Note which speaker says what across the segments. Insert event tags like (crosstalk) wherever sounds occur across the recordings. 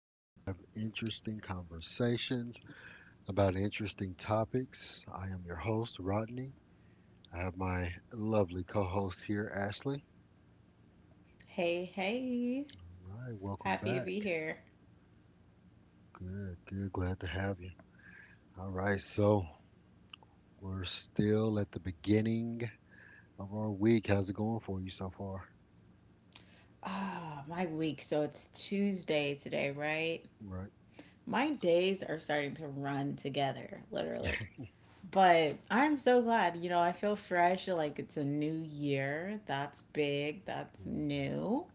Speaker 1: where we have interesting conversations about interesting topics. I am your host, Rodney. I have my lovely co host here, Ashley.
Speaker 2: Hey, hey.
Speaker 1: All right, welcome
Speaker 2: Happy to be
Speaker 1: back.
Speaker 2: here.
Speaker 1: Good, good. Glad to have you. All right, so we're still at the beginning of our week. How's it going for you so far?
Speaker 2: Ah, my week. So it's Tuesday today, right?
Speaker 1: Right.
Speaker 2: My days are starting to run together, literally.
Speaker 1: (laughs) Mhm.
Speaker 2: But I'm so glad. You know, I feel fresh. Like it's a new year. That's big. That's new.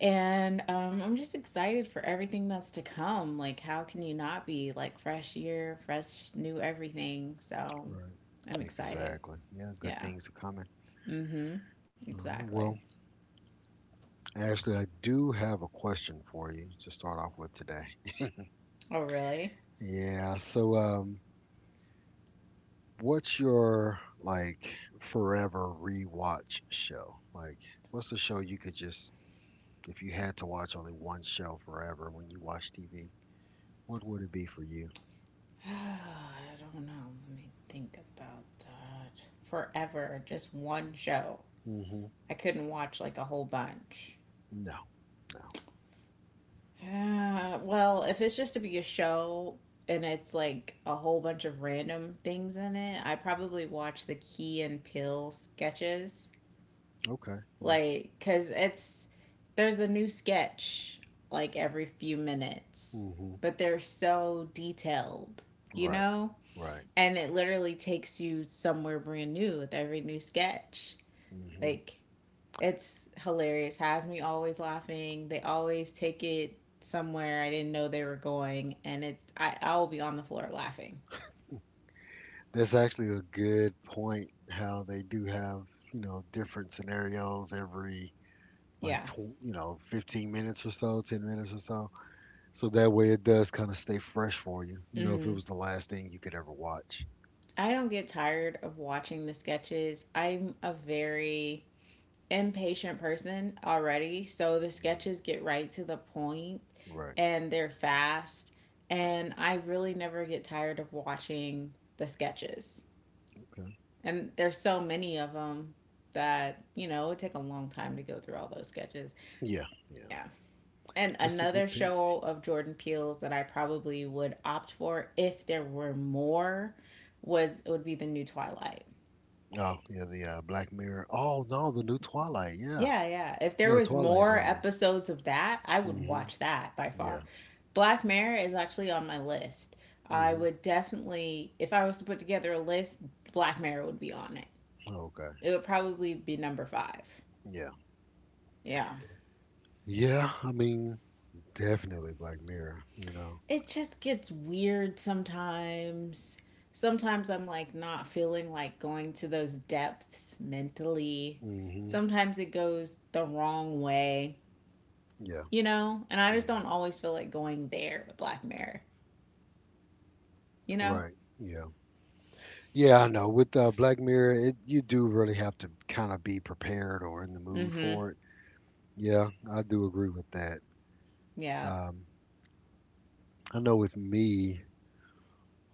Speaker 2: And I'm just excited for everything that's to come. Like, how can you not be? Like, fresh year, fresh new everything. So
Speaker 1: Right.
Speaker 2: I'm excited.
Speaker 1: Exactly. Yeah, good
Speaker 2: Yeah.
Speaker 1: things are coming.
Speaker 2: Mm hmm.
Speaker 1: All right,
Speaker 2: Exactly.
Speaker 1: well, Ashley, I do have a question for you to start off with today.
Speaker 2: Oh, really?
Speaker 1: Yeah, so what's your like forever rewatch show? Like, what's the show you could just, if you had to watch only one show forever when you watch TV, what would it be for you?
Speaker 2: (sighs) I don't know. Let me think about that. Forever, just one show.
Speaker 1: Mm-hmm.
Speaker 2: I couldn't watch like a whole bunch. (sighs)
Speaker 1: No, no.
Speaker 2: Well, if it's just to be a show and it's like a whole bunch of random things in it, I probably watch the Key and Peele sketches.
Speaker 1: Okay, yeah.
Speaker 2: Like, cause it's there's a new sketch like every few minutes,
Speaker 1: Mm-hmm.
Speaker 2: but they're so detailed, you
Speaker 1: Right,
Speaker 2: know?
Speaker 1: right.
Speaker 2: And it literally takes you somewhere brand new with every new sketch.
Speaker 1: Mm-hmm.
Speaker 2: Like it's hilarious. Has me always laughing. They always take it somewhere I didn't know they were going, and it's I will be on the floor laughing.
Speaker 1: That's actually a good point how they do have, you know, different scenarios every like
Speaker 2: Yeah.
Speaker 1: 15 minutes or so, 10 minutes or so, so that way it does kind of stay fresh for you, you know if it
Speaker 2: Mm-hmm.
Speaker 1: was the last thing you could ever watch.
Speaker 2: I don't get tired of watching the sketches. I'm a very impatient person already, so the
Speaker 1: Mhm.
Speaker 2: sketches get right to the point
Speaker 1: Right.
Speaker 2: and they're fast, and I really never get tired of watching the sketches.
Speaker 1: Okay.
Speaker 2: And there's so many of them that, you know, it would take a long time to go through all those sketches.
Speaker 1: Yeah, yeah,
Speaker 2: Yeah. And
Speaker 1: that's a good
Speaker 2: another
Speaker 1: pick.
Speaker 2: show of Jordan Peele's that I probably would opt for if there were more was it would be the new Twilight.
Speaker 1: Oh yeah, the Black Mirror, oh no, the new Twilight. Yeah.
Speaker 2: Yeah, yeah. If there
Speaker 1: Yeah.
Speaker 2: was
Speaker 1: Twilight
Speaker 2: more
Speaker 1: Zone.
Speaker 2: episodes of that, I would
Speaker 1: Hmm.
Speaker 2: watch that by far.
Speaker 1: Yeah.
Speaker 2: Black Mirror is actually on my list. I
Speaker 1: Hmm.
Speaker 2: would definitely if I was to put together a list, Black Mirror would be on it.
Speaker 1: Okay,
Speaker 2: It would probably be number 5.
Speaker 1: yeah.
Speaker 2: Yeah.
Speaker 1: Yeah, I mean, definitely Black Mirror, you know?
Speaker 2: It just gets weird sometimes. Sometimes I'm like not feeling like going to those depths mentally.
Speaker 1: Hmm.
Speaker 2: Sometimes it goes the wrong way,
Speaker 1: Yeah.
Speaker 2: you know? And I just
Speaker 1: Hmm.
Speaker 2: don't always feel like going there with Black Mirror, you know?
Speaker 1: Right. Yeah. Yeah, I know. With Black Mirror, you do really have to kind of be prepared or in the
Speaker 2: Mm
Speaker 1: mood
Speaker 2: hmm.
Speaker 1: for it. Yeah, I do agree with that.
Speaker 2: Yeah.
Speaker 1: Um, I know with me,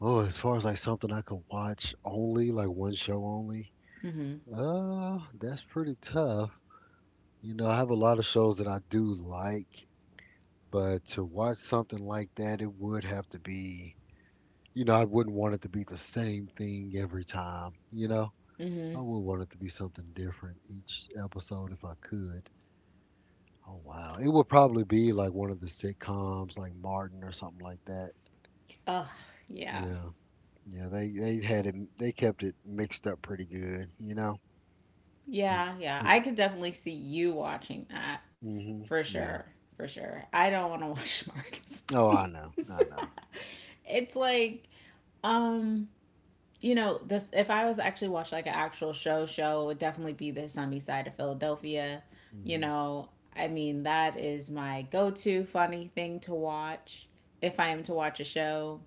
Speaker 1: oh, as far as like something I could watch only, like one show only,
Speaker 2: Mm hmm.
Speaker 1: that's pretty tough. You know, I have a lot of shows that I do like, but to watch something like that, it would have to be, I wouldn't want it to be the same thing every time, you know?
Speaker 2: Mm hmm.
Speaker 1: I would want it to be something different each episode if I could. Oh wow. It would probably be like one of the sitcoms like Martin or something like that.
Speaker 2: Oh, yeah.
Speaker 1: Yeah. Yeah, they kept it mixed up pretty good, you know. It,
Speaker 2: Yeah. Yeah.
Speaker 1: it,
Speaker 2: I could definitely see you watching that
Speaker 1: hmm.
Speaker 2: for sure.
Speaker 1: Yeah.
Speaker 2: For sure. I don't want to watch Mars.
Speaker 1: Oh, I know. I know.
Speaker 2: (laughs) It's like, um, you know, this if I was actually watch like an actual show it would definitely be the Sunny Side of Philadelphia, you
Speaker 1: Mhm.
Speaker 2: know. I mean, that is my go-to funny thing to watch if I am to watch a show.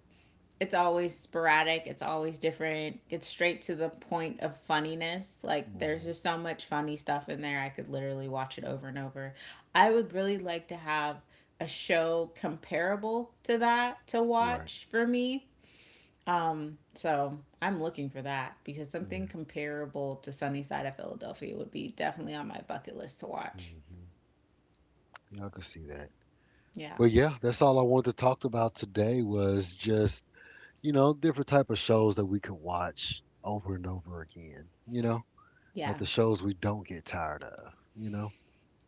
Speaker 2: It's always sporadic, it's always different, it's straight to the point of funniness. Like, there's
Speaker 1: Mhm.
Speaker 2: just so much funny stuff in there, I could literally watch it over and over. I would really like to have a show comparable to that to
Speaker 1: Right.
Speaker 2: watch for me. So I'm looking for that because something
Speaker 1: Yeah.
Speaker 2: comparable to Sunny Side of Philadelphia would be definitely on my bucket list to watch.
Speaker 1: Mhm. Yeah, I could see that.
Speaker 2: Yeah.
Speaker 1: But yeah, that's all I wanted to talk about today was just, different type of shows that we could watch over and over again, you know? Like
Speaker 2: Yeah.
Speaker 1: the shows we don't get tired of, you know?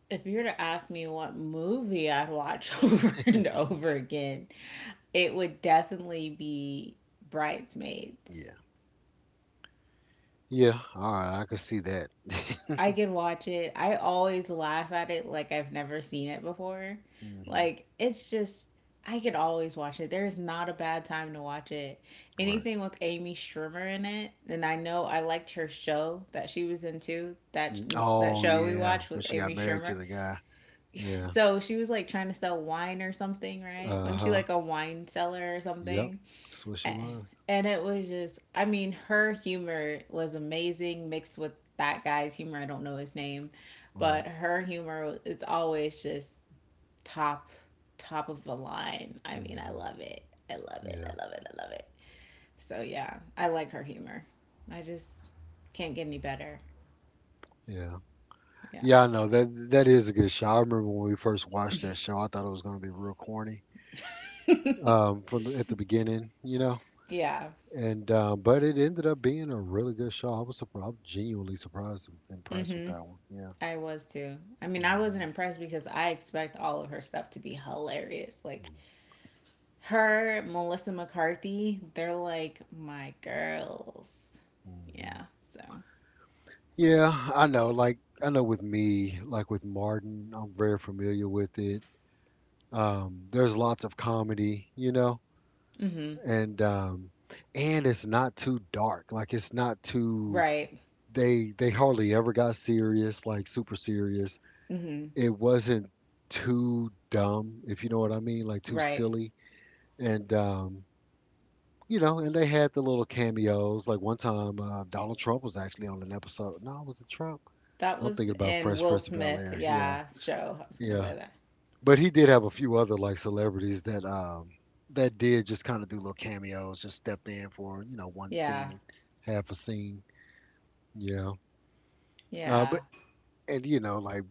Speaker 2: If you were to ask me what movie I'd watch (laughs) over and over again, it would definitely be Bridesmaids.
Speaker 1: Yeah. Yeah, all right, I could see that.
Speaker 2: I
Speaker 1: (laughs)
Speaker 2: can watch it. I always laugh at it like I've never seen it before.
Speaker 1: Hmm.
Speaker 2: Like it's just I can always watch it. There is not a bad time to watch it.
Speaker 1: Right.
Speaker 2: Anything with Amy Schumer in it, and I know I liked her show that she was into that,
Speaker 1: Mm.
Speaker 2: that
Speaker 1: Oh
Speaker 2: show we
Speaker 1: yeah,
Speaker 2: watched
Speaker 1: when
Speaker 2: with
Speaker 1: she got
Speaker 2: Amy
Speaker 1: married to
Speaker 2: Schumer.
Speaker 1: the guy. Yeah.
Speaker 2: So she was like trying to sell wine or something, right? Wasn't she
Speaker 1: Uh-huh.
Speaker 2: like a wine seller or
Speaker 1: Yep.
Speaker 2: something?
Speaker 1: That's what she was.
Speaker 2: And it was just, I mean, her humor was amazing mixed with that guy's humor. I don't know his name,
Speaker 1: Right.
Speaker 2: but her humor, it's always just top, top of the line. I mean, I
Speaker 1: Hmm.
Speaker 2: love it. I love it.
Speaker 1: Yeah.
Speaker 2: I love it. I love it. So yeah, I like her humor. I just can't get any better.
Speaker 1: Yeah.
Speaker 2: Yeah.
Speaker 1: Yeah, I know that that is a good show. I remember when we first watched that show, I thought it was going to be real corny from at the beginning, you know.
Speaker 2: Yeah.
Speaker 1: And but it ended up being a really good show. I was surprised, genuinely surprised and impressed with
Speaker 2: Mm-hmm.
Speaker 1: that one. Yeah.
Speaker 2: I was too. I mean, I
Speaker 1: Hmm.
Speaker 2: wasn't impressed because I expect all of her stuff to be hilarious. Like, her, Melissa McCarthy, they're like my girls.
Speaker 1: Hmm.
Speaker 2: Yeah, so.
Speaker 1: Yeah, I know. Like I know with me, like with Martin, I'm very familiar with it. There's lots of comedy, you know,
Speaker 2: Mm-hmm.
Speaker 1: and um, and it's not too dark. Like it's not too.
Speaker 2: Right.
Speaker 1: They hardly ever got serious, like super serious.
Speaker 2: Mm-hmm.
Speaker 1: It wasn't too dumb, if you know what I mean, like too
Speaker 2: Right.
Speaker 1: silly. And you know, and they had the little cameos. Like one time, Donald Trump was actually on an episode. No, was it Trump?
Speaker 2: That
Speaker 1: I'm
Speaker 2: was
Speaker 1: thinking about
Speaker 2: in
Speaker 1: Fresh
Speaker 2: Will
Speaker 1: Prince of Bel
Speaker 2: Smith,
Speaker 1: Air. Yeah.
Speaker 2: yeah, show. I was gonna
Speaker 1: Yeah,
Speaker 2: say that.
Speaker 1: but he did have a few other like celebrities that that did just kind of do little cameos, just stepped in for one
Speaker 2: Yeah.
Speaker 1: scene, half a scene. Yeah,
Speaker 2: Yeah.
Speaker 1: but and you know like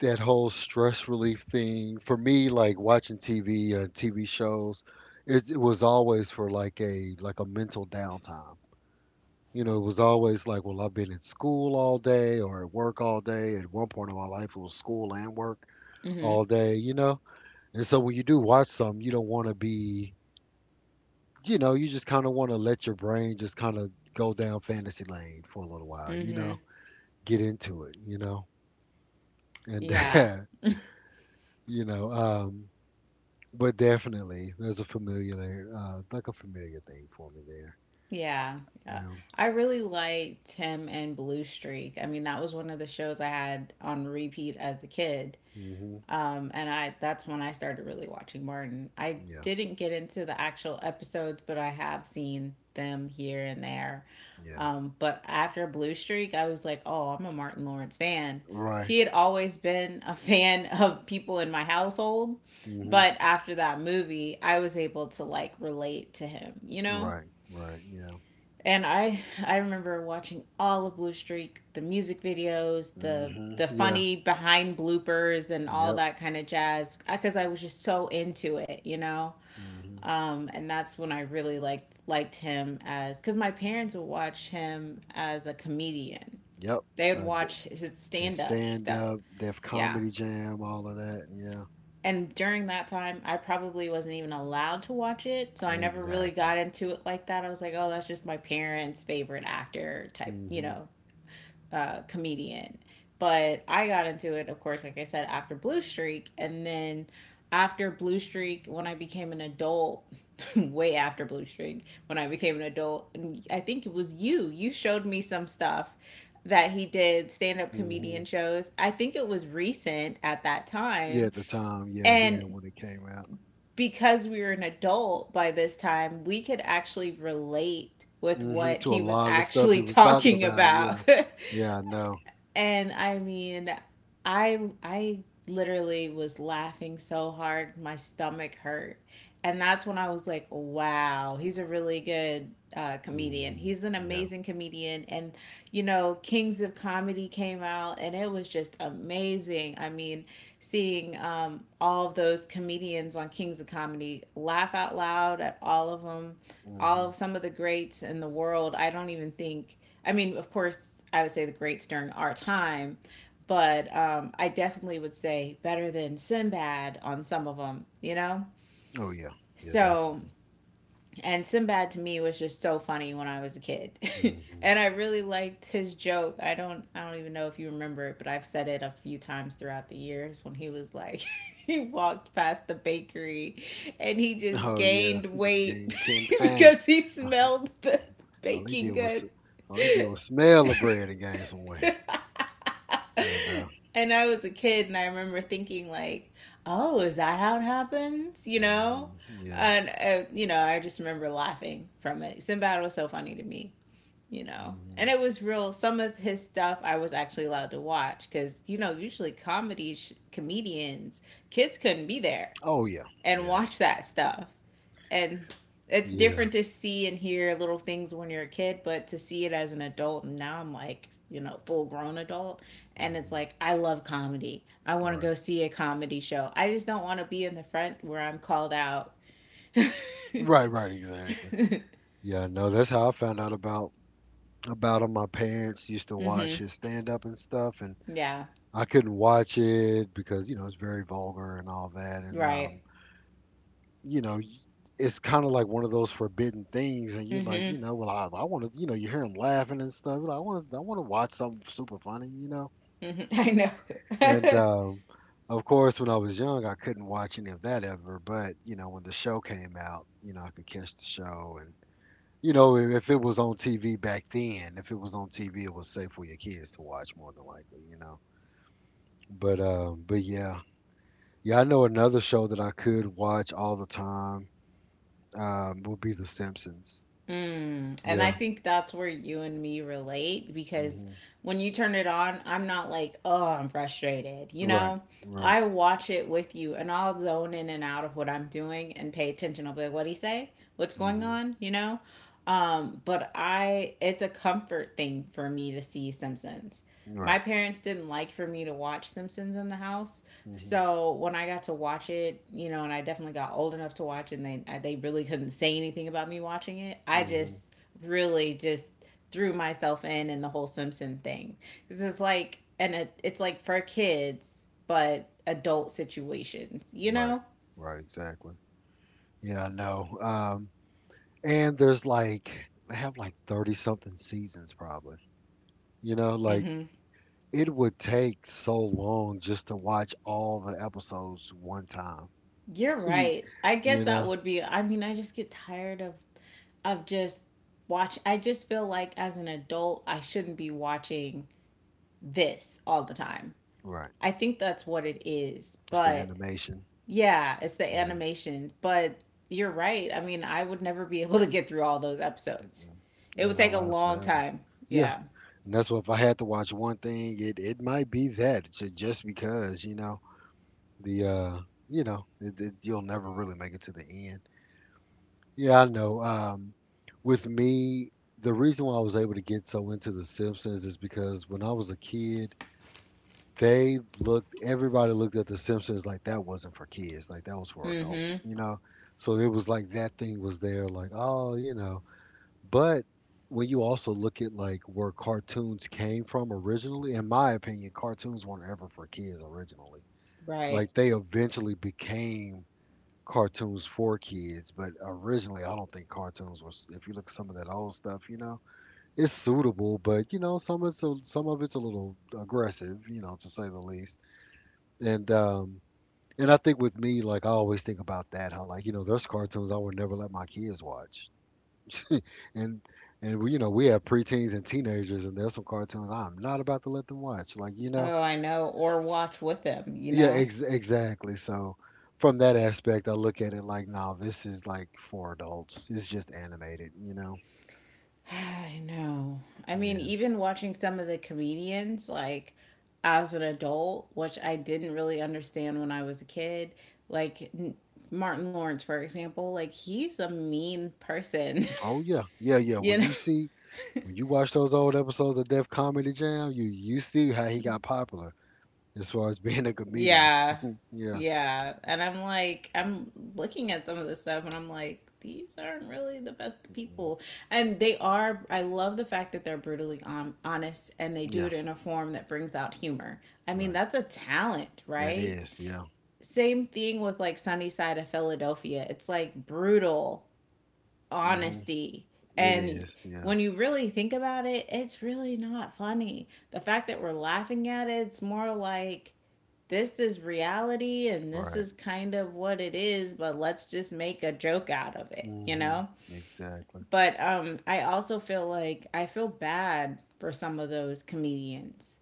Speaker 1: that whole stress relief thing for me, like watching TV shows, it was always for like a mental downtime. You know, it was always like, well, I've been in school all day or at work all day. At one point in my life, it was school and work
Speaker 2: Mm-hmm.
Speaker 1: all day. You know, and so when you do watch some, you don't want to be, you just kind of want to let your brain just kind of go down fantasy lane for a little while,
Speaker 2: Mm-hmm.
Speaker 1: get into it,
Speaker 2: Yeah.
Speaker 1: and (laughs) you know, um, but definitely there's a familiar like a familiar thing for me there,
Speaker 2: Yeah.
Speaker 1: you
Speaker 2: Yeah.
Speaker 1: know.
Speaker 2: I really liked Tim and Blue Streak. I mean, that was one of the shows I had on repeat as a kid.
Speaker 1: Mhm.
Speaker 2: And I that's when I started really watching Martin. I
Speaker 1: Yeah.
Speaker 2: didn't get into the actual episodes, but I have seen them here and there.
Speaker 1: Yeah.
Speaker 2: But after Blue Streak, I was like, oh, I'm a Martin Lawrence fan.
Speaker 1: Right.
Speaker 2: He had always been a (laughs) fan of people in my household,
Speaker 1: Mhm.
Speaker 2: but after that movie, I was able to like relate to him, you know?
Speaker 1: Right. Right. Yeah.
Speaker 2: And I remember watching all of Blue Streak, the music videos, the
Speaker 1: Mhm. Yeah.
Speaker 2: funny behind bloopers and all
Speaker 1: Yep.
Speaker 2: that kind of jazz because I was just so into it, you know.
Speaker 1: Mhm.
Speaker 2: And that's when I really liked him as because my parents would watch him as a comedian.
Speaker 1: Yep.
Speaker 2: They would
Speaker 1: Uh, d-
Speaker 2: watch his
Speaker 1: his
Speaker 2: stand up
Speaker 1: stand
Speaker 2: stuff.
Speaker 1: up, Def
Speaker 2: Yeah.
Speaker 1: Comedy Jam, all of that. Yeah.
Speaker 2: And during that time, I probably wasn't even allowed to watch it. So I never really
Speaker 1: Exactly.
Speaker 2: got into it like that. I was like, oh, that's just my parents' favorite actor type, you
Speaker 1: Mhm.
Speaker 2: know, comedian. But I got into it, of course, like I said, after Blue Streak. And then after Blue Streak, when I became an adult, (laughs) way after Blue Streak, when I became an adult, and I think it was you, you showed me some stuff that he did stand up comedian
Speaker 1: Mhm.
Speaker 2: shows. I think it was recent at that
Speaker 1: Yeah,
Speaker 2: time.
Speaker 1: at the time, yeah, yeah,
Speaker 2: And
Speaker 1: when it came out.
Speaker 2: because we were an adult by this time, we could actually relate with
Speaker 1: Mhm.
Speaker 2: what
Speaker 1: To
Speaker 2: he
Speaker 1: a
Speaker 2: was
Speaker 1: lot of the stuff he
Speaker 2: actually
Speaker 1: was talking
Speaker 2: talking
Speaker 1: about,
Speaker 2: about.
Speaker 1: yeah. Yeah, I know.
Speaker 2: (laughs) And I mean, I literally was laughing so hard my stomach hurt. And that's when I was like, wow, he's a really good comedian.
Speaker 1: Mhm.
Speaker 2: He's an
Speaker 1: Yeah.
Speaker 2: amazing comedian. And, you know, Kings of Comedy came out and it was just amazing. I mean, seeing all of those comedians on Kings of Comedy laugh out loud at all of them, all
Speaker 1: Mhm.
Speaker 2: of some of the greats in the world. I don't even think, I mean, of course, I would say the greats during our time, but I definitely would say better than Sinbad on some of them, you know?
Speaker 1: Oh yeah. Yeah,
Speaker 2: So,
Speaker 1: definitely.
Speaker 2: and Sinbad to me was just so funny when I was a kid. (laughs)
Speaker 1: Mhm.
Speaker 2: And I really liked his joke. I don't even know if you remember it, but I've said it a few times throughout the years when he was like (laughs) he walked past the bakery and he just
Speaker 1: Oh yeah.
Speaker 2: gained
Speaker 1: He just
Speaker 2: weight
Speaker 1: gained ten
Speaker 2: (laughs)
Speaker 1: pounds.
Speaker 2: because he
Speaker 1: (laughs)
Speaker 2: smelled the
Speaker 1: All he did
Speaker 2: baking
Speaker 1: was
Speaker 2: goods.
Speaker 1: all he did was smell the bread and gain some weight. I
Speaker 2: (laughs)
Speaker 1: know.
Speaker 2: And I was a kid and I remember thinking like, "Oh, is that how it happens?" You know?
Speaker 1: Mhm. Yeah.
Speaker 2: And you know, I just remember laughing from it. Sinbad was so funny to me, you know. And
Speaker 1: Mhm.
Speaker 2: it was real. Some of his stuff I was actually allowed to watch cuz you know, usually comedy comedians kids couldn't be there
Speaker 1: Oh yeah.
Speaker 2: and
Speaker 1: Yeah.
Speaker 2: watch that stuff. And it's
Speaker 1: Yeah.
Speaker 2: different to see and hear little things when you're a kid, but to see it as an adult, and now I'm like, you know, full grown adult. And it's
Speaker 1: Mhm.
Speaker 2: like, I love comedy. I want to go
Speaker 1: Right.
Speaker 2: see a comedy show. I just don't want to be in the front where I'm called out. (laughs) mm
Speaker 1: Right. Right. Exactly. Yeah. No, that's how I found out about him. My parents used to watch
Speaker 2: hmm.
Speaker 1: his stand up and stuff, and
Speaker 2: Yeah.
Speaker 1: I couldn't watch it because, it's very vulgar and all that. And,
Speaker 2: Right.
Speaker 1: you know, y- it's kind of like one of those forbidden things. And you're like,
Speaker 2: Mm
Speaker 1: well, I want to, you hear him laughing and stuff. You're like, I want to watch something super funny, you know?
Speaker 2: hmm. Mm hmm. I
Speaker 1: And,
Speaker 2: know. (laughs)
Speaker 1: of course, when I was young, I couldn't watch any of that ever. But, when the show came out, I could catch the show. You know, if it was on TV back then, if it was on TV, it was safe for your kids to watch more than likely, you know. But yeah, yeah, I know another show that I could watch all the time, would be The Simpsons.
Speaker 2: Mm, and I
Speaker 1: Yeah.
Speaker 2: think that's where you and me relate because
Speaker 1: Hmm.
Speaker 2: when you turn it on, I'm not like, oh, I'm frustrated. You
Speaker 1: Right.
Speaker 2: know,
Speaker 1: Right.
Speaker 2: I watch it with you and I'll zone in and out of what I'm doing and pay attention. I'll be like, what'd he say? What's going
Speaker 1: Hmm.
Speaker 2: on? You know? But I, it's a comfort thing for me to see Simpsons. My
Speaker 1: Right.
Speaker 2: parents didn't like for me to watch Simpsons in the house.
Speaker 1: Hmm.
Speaker 2: So when I got to watch it, you know, and I definitely got old enough to watch, it, and they they really couldn't say anything about me watching it. I
Speaker 1: Hmm.
Speaker 2: just really just threw myself in the whole Simpson thing. This is like and it's like for kids, but adult situations, you
Speaker 1: Right.
Speaker 2: know.
Speaker 1: Right. Exactly. Yeah, I know. And there's like they have like 30 something seasons probably. You know, like
Speaker 2: Hmm.
Speaker 1: it would take so long just to watch all the episodes one time.
Speaker 2: You're
Speaker 1: (laughs) You
Speaker 2: right. I guess that
Speaker 1: know?
Speaker 2: would be. I mean, I just get tired of just watch. I just feel like as an adult, I shouldn't be watching this all the time.
Speaker 1: Right.
Speaker 2: I think that's what it is.
Speaker 1: It's the
Speaker 2: But
Speaker 1: animation.
Speaker 2: yeah, it's the
Speaker 1: Yeah.
Speaker 2: animation. But you're right. I mean, I would never be (laughs) able to get through all those episodes.
Speaker 1: Mm-mm.
Speaker 2: It
Speaker 1: Yeah,
Speaker 2: would
Speaker 1: they'll
Speaker 2: take a
Speaker 1: last
Speaker 2: long
Speaker 1: forever.
Speaker 2: time.
Speaker 1: Yeah.
Speaker 2: Yeah.
Speaker 1: And that's what if I had to watch one thing, it might be that just because, you know, the, you know, it, you'll never really make it to the end. Yeah, I know. With me, the reason why I was able to get so into The Simpsons is because when I was a kid, they looked everybody looked at the Simpsons like that wasn't for kids, like that was for
Speaker 2: Mm-hmm.
Speaker 1: adults, you know. So it was like that thing was there, like, oh, but when you also look at like where cartoons came from originally, in my opinion, cartoons weren't ever for kids originally.
Speaker 2: Right.
Speaker 1: Like they eventually became cartoons for kids, but originally I don't think cartoons was. If you look at some of that old stuff, you know, it's suitable, but some of it's a little aggressive, you know, to say the least. And and I think with me, like I always think about that, how like, there's cartoons I would never let my kids watch, (laughs) and and we you know we have preteens and teenagers, and there's some cartoons I'm not about to let them watch, like,
Speaker 2: Oh, I know. Or
Speaker 1: S-
Speaker 2: watch with them, you
Speaker 1: yeah,
Speaker 2: know?
Speaker 1: exactly. So from that aspect, I look at it like, no, this is like for adults. It's just animated, you know.
Speaker 2: I know. I mean,
Speaker 1: Yeah.
Speaker 2: even watching some of the comedians, like as an adult, which I didn't really understand when I was a kid, like n- Martin Lawrence, for example, like he's a mean person,
Speaker 1: Oh yeah. Yeah,
Speaker 2: (laughs)
Speaker 1: yeah.
Speaker 2: you know?
Speaker 1: When you watch those old episodes of Def Comedy Jam, you see how he got popular as far as (laughs) being a comedian.
Speaker 2: Yeah.
Speaker 1: (laughs) Yeah.
Speaker 2: Yeah. And I'm like, I'm looking at some of this stuff and I'm like, these aren't really the best
Speaker 1: Mm-mm.
Speaker 2: people. And they are, I love the fact that they're honest and they do
Speaker 1: Yeah,
Speaker 2: it in a form that brings out humor. I mean,
Speaker 1: right.
Speaker 2: that's a talent,
Speaker 1: That
Speaker 2: right?
Speaker 1: is, yeah.
Speaker 2: Same thing with like Sunny Side of Philadelphia. It's like brutal
Speaker 1: Mm-hmm.
Speaker 2: honesty.
Speaker 1: It
Speaker 2: And
Speaker 1: is, yeah.
Speaker 2: when you really think about it, it's really not funny. The fact that we're laughing at it, it's more like this is reality and this
Speaker 1: Right.
Speaker 2: is kind of what it is, but let's just make a joke out of it, you
Speaker 1: Mm-hmm.
Speaker 2: know?
Speaker 1: Exactly.
Speaker 2: But, I also feel like I feel bad for some of those comedians,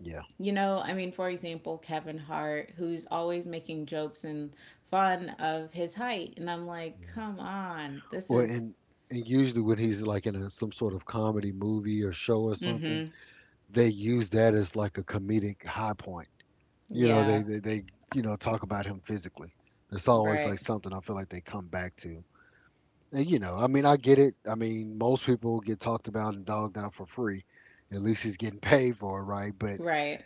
Speaker 1: Yeah,
Speaker 2: you know, I mean, for example, Kevin Hart, who's always making jokes and fun of his height. And I'm like,
Speaker 1: yeah.
Speaker 2: come on, this
Speaker 1: Well,
Speaker 2: is,
Speaker 1: and usually when he's like in some sort of comedy movie or show or something,
Speaker 2: mm
Speaker 1: they use that as like a comedic high point.
Speaker 2: hmm.
Speaker 1: You know,
Speaker 2: Yeah,
Speaker 1: they talk about him physically. That's always
Speaker 2: right,
Speaker 1: like something I feel like they come back to. And I mean, I get it. I mean, most people get talked about and dogged out for free. At least he's getting (laughs) paid for it, right? But
Speaker 2: right,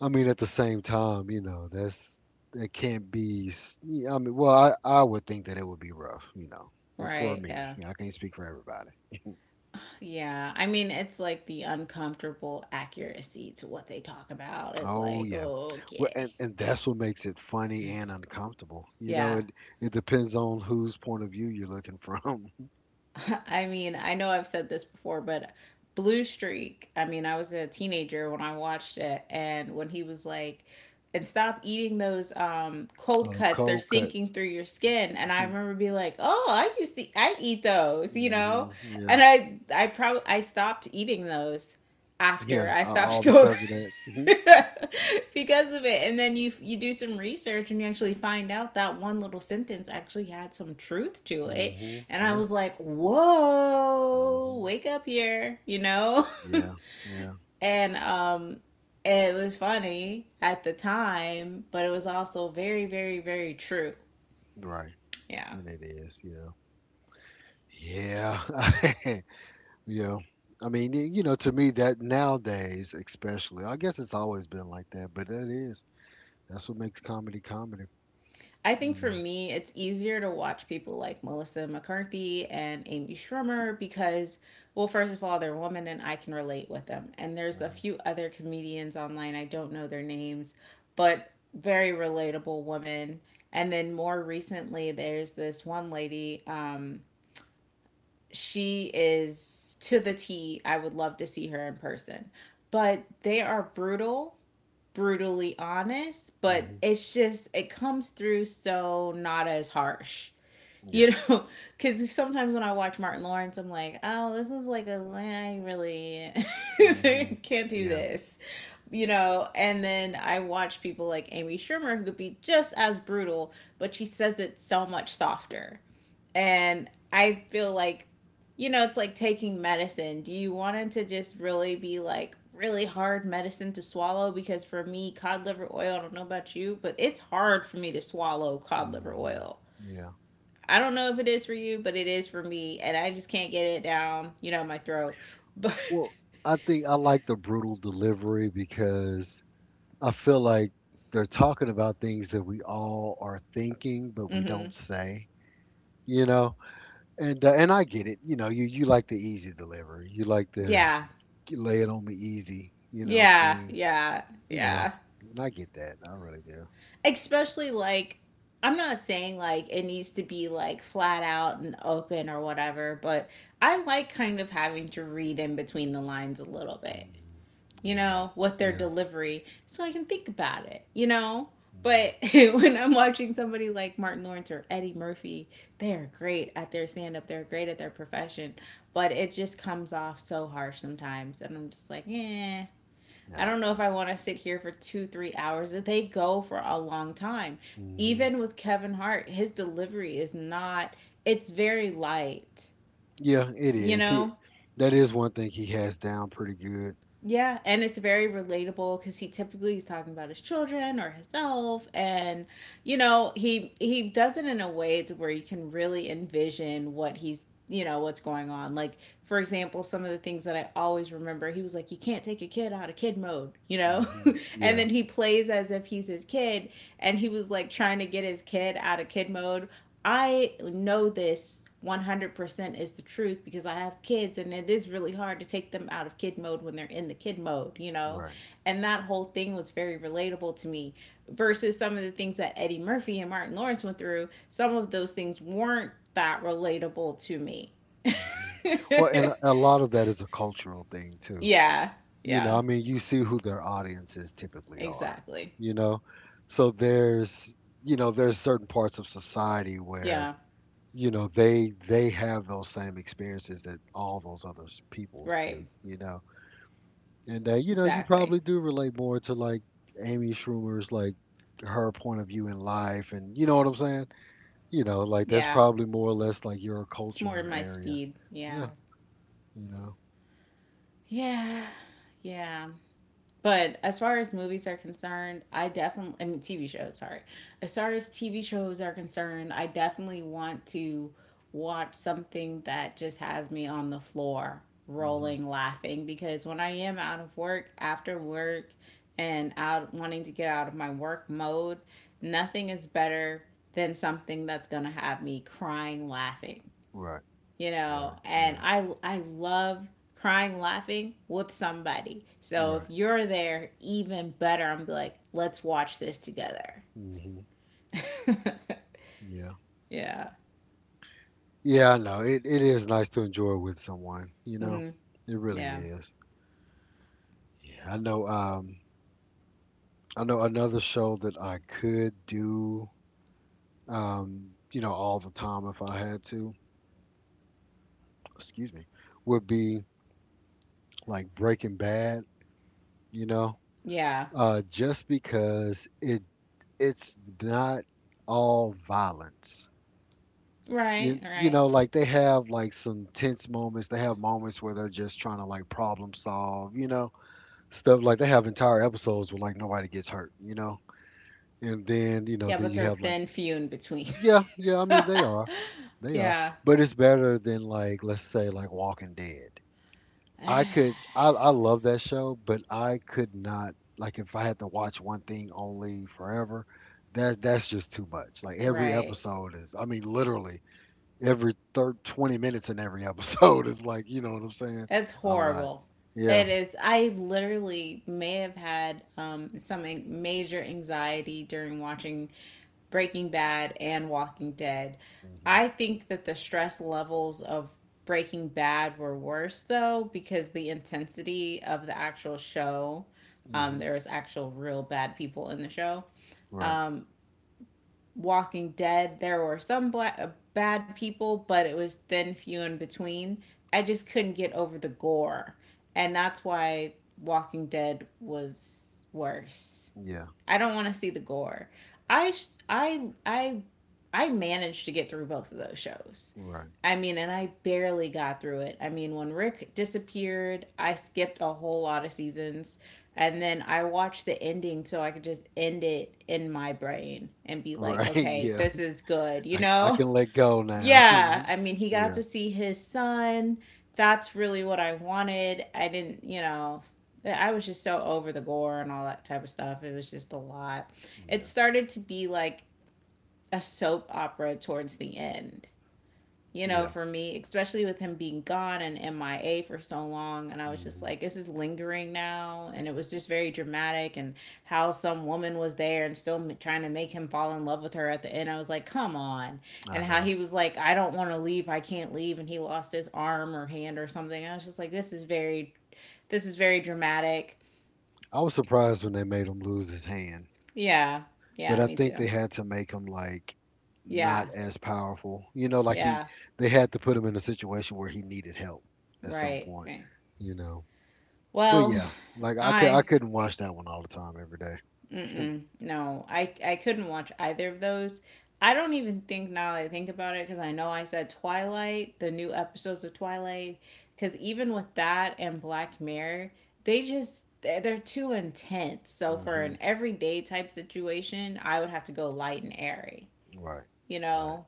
Speaker 1: I mean, at the same time, you know, that can't be. Yeah, I mean, well, I would think that it would be rough, you know, for
Speaker 2: right.
Speaker 1: me.
Speaker 2: Yeah.
Speaker 1: You know, I can't speak for everybody.
Speaker 2: Yeah. I mean, it's like the uncomfortable accuracy to what they talk about. It's
Speaker 1: Oh
Speaker 2: like,
Speaker 1: yeah, well,
Speaker 2: okay.
Speaker 1: and that's what makes it funny and uncomfortable. You know,
Speaker 2: Yeah.
Speaker 1: it depends on whose point of view you're looking from. (laughs) Oh,
Speaker 2: (laughs) I mean, I know I've said this before, but Blue Streak, I mean, I was a teenager when I watched it, and when he was like, and stop eating those cold
Speaker 1: the
Speaker 2: cuts. They're
Speaker 1: cold cut.
Speaker 2: sinking through your skin. And I
Speaker 1: (laughs)
Speaker 2: remember being like, oh, I eat those, you
Speaker 1: Hmm.
Speaker 2: know?
Speaker 1: Yeah,
Speaker 2: And I stopped eating those after
Speaker 1: yeah,
Speaker 2: I stopped
Speaker 1: all
Speaker 2: (laughs) going,
Speaker 1: because of that. Hmm.
Speaker 2: (laughs) because of it. And then you do some research and you actually find out that one little sentence actually had some truth to it.
Speaker 1: Hmm.
Speaker 2: And I
Speaker 1: Yeah.
Speaker 2: was like, whoa,
Speaker 1: Hmm.
Speaker 2: wake up here, you know? (laughs)
Speaker 1: Yeah. Yeah.
Speaker 2: And, it was funny at the time, but it was also very true.
Speaker 1: Right.
Speaker 2: Yeah.
Speaker 1: And it is. Yeah. Yeah. (laughs) Yeah. I mean, to me that nowadays, especially, I guess it's always been like that, but that's what makes comedy comedy.
Speaker 2: I think
Speaker 1: You
Speaker 2: for
Speaker 1: know.
Speaker 2: me, it's easier to watch people like Melissa McCarthy and Amy Schumer because, well, first of all, they're women and I can relate with them. And there's a
Speaker 1: Mhm.
Speaker 2: few other comedians online, I don't know their names, but very relatable women. And then more recently, there's this one lady. She is to the T. I would love to see her in person. But they are brutally honest, but
Speaker 1: Mhm.
Speaker 2: it's just it comes through so not as harsh. (laughs) You
Speaker 1: Yeah.
Speaker 2: know, because sometimes when I watch Martin Lawrence, I'm like, oh, this is like a, I really
Speaker 1: Mhm.
Speaker 2: (laughs) can't do
Speaker 1: Yeah.
Speaker 2: this, you know. And then I watch people like Amy Schumer, who could be just as brutal, but she says it so much softer. And I feel like, you know, it's like taking medicine. Do you want it to just really be like really hard medicine to swallow? Because for me, cod liver oil, I don't know about you, but it's hard for me to swallow cod liver
Speaker 1: Mhm.
Speaker 2: oil.
Speaker 1: Yeah.
Speaker 2: I don't know if it is for you, but it is for me. And I just can't get it down, you know, my throat. But,
Speaker 1: Well, I think I like the brutal delivery because I feel like they're talking about things that we all are thinking but
Speaker 2: (laughs)
Speaker 1: we
Speaker 2: hmm,
Speaker 1: don't say, you know. And I get it. You know, you like the easy delivery. You like the
Speaker 2: yeah,
Speaker 1: lay it on me easy, you know, thing You know,
Speaker 2: yeah.
Speaker 1: and I get that. I really do.
Speaker 2: Especially like, I'm not saying like it needs to be like flat out and open or whatever, but I like kind of having to read in between the lines a little bit,
Speaker 1: Mm,
Speaker 2: you
Speaker 1: yeah,
Speaker 2: know, with their
Speaker 1: yeah.
Speaker 2: delivery so I can think about it, you know?
Speaker 1: Hmm,
Speaker 2: But (laughs) when I'm watching somebody like Martin Lawrence or Eddie Murphy, they're great at their stand up, they're great at their profession, but it just comes off so harsh sometimes. And I'm just like, eh, I
Speaker 1: yeah, I
Speaker 2: don't know
Speaker 1: know.
Speaker 2: if I want to sit here for two, 3 hours. They go for a long time.
Speaker 1: Hmm.
Speaker 2: Even with Kevin Hart, his delivery is not, it's very light,
Speaker 1: Yeah, it
Speaker 2: you
Speaker 1: is. He,
Speaker 2: know?
Speaker 1: that is one thing he has down pretty good.
Speaker 2: Yeah, and it's very relatable because he's talking about his children or himself, and you know he does it in a way to where you can really envision what he's you know what's going on. Like for example, some of the things that I always remember, he was like, "You can't take a kid out of kid mode," you know,
Speaker 1: Hmm.
Speaker 2: (laughs) and
Speaker 1: Yeah,
Speaker 2: then he plays as if he's his kid, and he was like trying to get his kid out of kid mode. I know this 100% is the truth because I have kids and it is really hard to take them out of kid mode when they're in the kid mode, you know?
Speaker 1: right.
Speaker 2: And that whole thing was very relatable to me versus some of the things that Eddie Murphy and Martin Lawrence went through. Some of those things weren't that relatable to me. (laughs)
Speaker 1: Hmm. Well, and a lot of that is a cultural thing too.
Speaker 2: Yeah,
Speaker 1: You know, I
Speaker 2: yeah,
Speaker 1: mean, you see who their audiences typically are.
Speaker 2: exactly.
Speaker 1: You know, so there's certain parts of society where
Speaker 2: Yeah,
Speaker 1: you know they have those same experiences that all those other peoples
Speaker 2: right,
Speaker 1: do. You know. And you
Speaker 2: exactly.
Speaker 1: probably do relate more to like Amy Schumer's, like, her point of view in life, and you know what I'm saying? You know, like that's
Speaker 2: Yeah,
Speaker 1: probably more or less like your
Speaker 2: it's more
Speaker 1: culture
Speaker 2: my
Speaker 1: area.
Speaker 2: speed. Yeah,
Speaker 1: Yeah, you know.
Speaker 2: yeah, yeah. But as far as movies are concerned, I definitely, I mean, TV shows, sorry. As far as TV shows are concerned, I definitely want to watch something that just has me on the floor
Speaker 1: Hmm.
Speaker 2: rolling laughing, because when I am out of work, after work, and out wanting to get out of my work mode, nothing is better than something that's going to have me crying laughing,
Speaker 1: Right,
Speaker 2: you
Speaker 1: right.
Speaker 2: know. And
Speaker 1: Yeah,
Speaker 2: I love crying laughing with somebody, so if
Speaker 1: right.
Speaker 2: you're there even better. I'm like, let's watch this together.
Speaker 1: Hmm.
Speaker 2: (laughs)
Speaker 1: Yeah.
Speaker 2: Yeah.
Speaker 1: Yeah, I know. It is nice to enjoy with someone.
Speaker 2: Mm-hmm.
Speaker 1: It really
Speaker 2: Yeah.
Speaker 1: is. Yeah, I know another show that I could do all the time if I had to. Excuse me, would be like Breaking Bad, you know,
Speaker 2: Yeah,
Speaker 1: just because it's not all violence.
Speaker 2: right,
Speaker 1: You, you
Speaker 2: right.
Speaker 1: know, like they have, like, some tense moments. They have moments where they're just trying to, like, problem solve, stuff like they have entire episodes where, like, nobody gets hurt, and then
Speaker 2: Yeah, but
Speaker 1: you
Speaker 2: they're
Speaker 1: have, like,
Speaker 2: thin, few in between. (laughs)
Speaker 1: yeah, yeah. I mean, they are,
Speaker 2: Yeah.
Speaker 1: but it's better than, like, let's say, like, Walking Dead. I could I love that show, but I could not, like, if I had to watch one thing only forever, that's just too much. Like every
Speaker 2: Right.
Speaker 1: episode is, I mean, literally every third 20 minutes in every (laughs) episode is like, you know what I'm saying?
Speaker 2: It's
Speaker 1: A lot.
Speaker 2: horrible.
Speaker 1: Yeah.
Speaker 2: It is. I literally may have had some major anxiety during watching Breaking Bad and Walking Dead.
Speaker 1: Mhm.
Speaker 2: I think that the stress levels of Breaking Bad were worse though because the intensity of the actual show,
Speaker 1: Mhm.
Speaker 2: there was actual real bad people in the show.
Speaker 1: Right.
Speaker 2: Walking Dead, there were some bad people, but it was thin, few in between. I just couldn't get over the gore. And that's why Walking Dead was worse.
Speaker 1: Yeah.
Speaker 2: I don't want to see the gore. I I I I managed to get through both of those shows.
Speaker 1: Right.
Speaker 2: I mean, and I barely got through it. I mean, when Rick disappeared, I skipped a whole lot of seasons and then I watched the ending so I could just end it in my brain and be like,
Speaker 1: Right. (laughs)
Speaker 2: "Okay,
Speaker 1: Yeah.
Speaker 2: this is good." You
Speaker 1: I
Speaker 2: know?
Speaker 1: can
Speaker 2: (laughs)
Speaker 1: let go now. (laughs)
Speaker 2: Yeah,
Speaker 1: Mhm.
Speaker 2: I mean, he got
Speaker 1: Yeah.
Speaker 2: to see his son. That's really what I wanted. I didn't, you know, I was just so over the gore and all that type of stuff. It was just a lot. It
Speaker 1: Yeah.
Speaker 2: started to be like a soap opera towards the end, you know,
Speaker 1: Yeah.
Speaker 2: for me, especially with him being gone and MIA for so long. And I was just
Speaker 1: Mhm.
Speaker 2: like, this is lingering now. And it was just very dramatic. And how some woman was there and still trying to make him fall in love with her at the end. I was like, come on.
Speaker 1: I
Speaker 2: And how
Speaker 1: know.
Speaker 2: he was like, I don't want to leave. I can't leave. And he lost his arm or hand or something. I was just like, this is very dramatic.
Speaker 1: I was surprised when they made him lose his hand.
Speaker 2: Yeah.
Speaker 1: But
Speaker 2: Yeah.
Speaker 1: I
Speaker 2: Me
Speaker 1: think they
Speaker 2: too.
Speaker 1: had to make him like not
Speaker 2: Yeah.
Speaker 1: as powerful. You know, like he
Speaker 2: Yeah.
Speaker 1: they had to put him in a situation where he needed help at some
Speaker 2: Right.
Speaker 1: point,
Speaker 2: Right.
Speaker 1: you know. But
Speaker 2: Well,
Speaker 1: yeah, like I
Speaker 2: I.
Speaker 1: couldn't watch that one all the time every day. (laughs)
Speaker 2: Mm-mm. No, I couldn't watch either of those. I don't even think now that I think about it, because I know I said Twilight, the new episodes of Twilight, because even with that and Black Mirror, they're too intense. So for
Speaker 1: Mm-hmm.
Speaker 2: an everyday type situation, I would have to go light and airy,
Speaker 1: Right.
Speaker 2: you
Speaker 1: Right.
Speaker 2: know.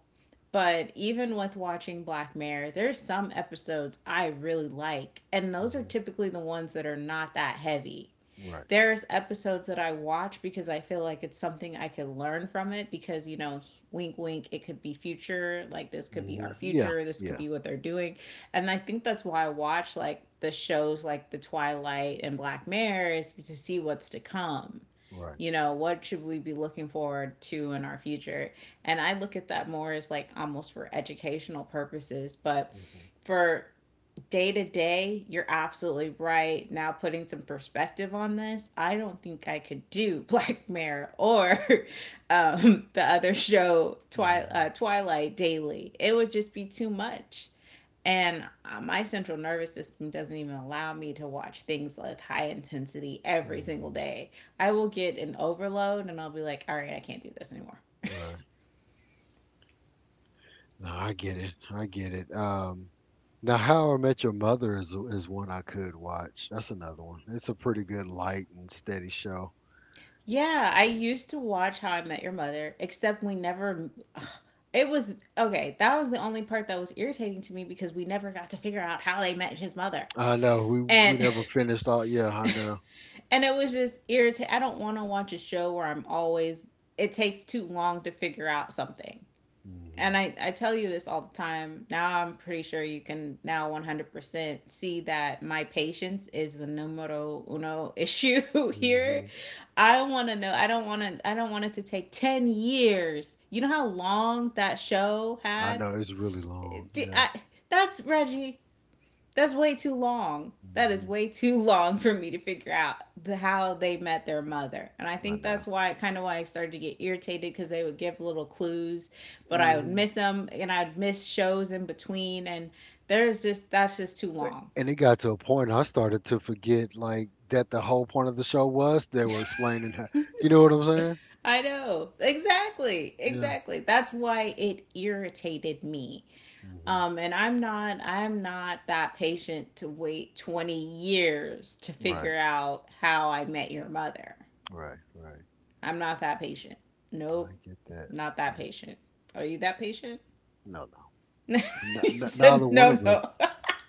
Speaker 2: But even with watching Black Mirror, there's some episodes I really like, and those are
Speaker 1: Mm-hmm.
Speaker 2: typically the ones that are not that heavy.
Speaker 1: Right.
Speaker 2: There's episodes that I watch because I feel like it's something I could learn from, it because you know, wink wink, it could be future. Like this could be our
Speaker 1: Mm-hmm. Yeah.
Speaker 2: future, this could
Speaker 1: Yeah.
Speaker 2: be what they're doing. And I think that's why I watch like the shows like The Twilight and Black Mirror, is to see what's to come.
Speaker 1: Right.
Speaker 2: You know, what should we be looking forward to in our future? And I look at that more as like almost for educational purposes, but
Speaker 1: Mm-hmm.
Speaker 2: for day to day, you're absolutely right. Now, putting some perspective on this, I don't think I could do (laughs) Black Mirror or the other show,
Speaker 1: Mm-hmm.
Speaker 2: Twilight Daily. It would just be too much. And My central nervous system doesn't even allow me to watch things with high intensity every single
Speaker 1: Mm-hmm.
Speaker 2: day. I will get an overload and I'll be like, all right, I can't do this anymore.
Speaker 1: Right. No, I get it. I get it. Now, How I Met Your Mother is one I could watch. That's another one. It's a pretty good light and steady show.
Speaker 2: Yeah, I used to watch How I Met Your Mother, except we never. Ugh, it was okay. That was the only part that was irritating to me, because we never got to figure out how they met his mother,
Speaker 1: I know we
Speaker 2: and
Speaker 1: never finished all. Yeah, I know.
Speaker 2: (laughs) and it was just irritating. I don't want to watch a show where I'm always. It takes too long to figure out something, and
Speaker 1: Hmm.
Speaker 2: I tell you this all the time. Now I'm pretty sure you can now 100% see that my patience is the numero uno (laughs) issue here.
Speaker 1: Hmm.
Speaker 2: I want to know. I don't want it to take 10 years. You know how long that show
Speaker 1: I
Speaker 2: had
Speaker 1: know it's really long. Yeah.
Speaker 2: I? That's Reggie. That's way too long. That is
Speaker 1: Hmm.
Speaker 2: way too (laughs) long for me to figure out how they met their mother. And I
Speaker 1: I
Speaker 2: think
Speaker 1: know.
Speaker 2: that's why, kind of why I started to get irritated, because they would give little clues, but I would
Speaker 1: Hmm.
Speaker 2: miss them and I'd miss shows in between. And there's just, that's just too long.
Speaker 1: And it got to a point I started to forget, like, that the whole point of the show was they were explaining how. You know what I'm saying?
Speaker 2: I know. Exactly.
Speaker 1: Yeah.
Speaker 2: Exactly. That's why it irritated me.
Speaker 1: Hmm.
Speaker 2: And I'm not that patient to wait 20 years to
Speaker 1: Right.
Speaker 2: figure out how I met your mother.
Speaker 1: Right. Right.
Speaker 2: I'm not that patient.
Speaker 1: I
Speaker 2: Nope,
Speaker 1: get that.
Speaker 2: not that
Speaker 1: Uh,
Speaker 2: patient. Are you that patient?
Speaker 1: No, no.
Speaker 2: (laughs) You
Speaker 1: Neither
Speaker 2: said
Speaker 1: one
Speaker 2: no,
Speaker 1: of us.
Speaker 2: no.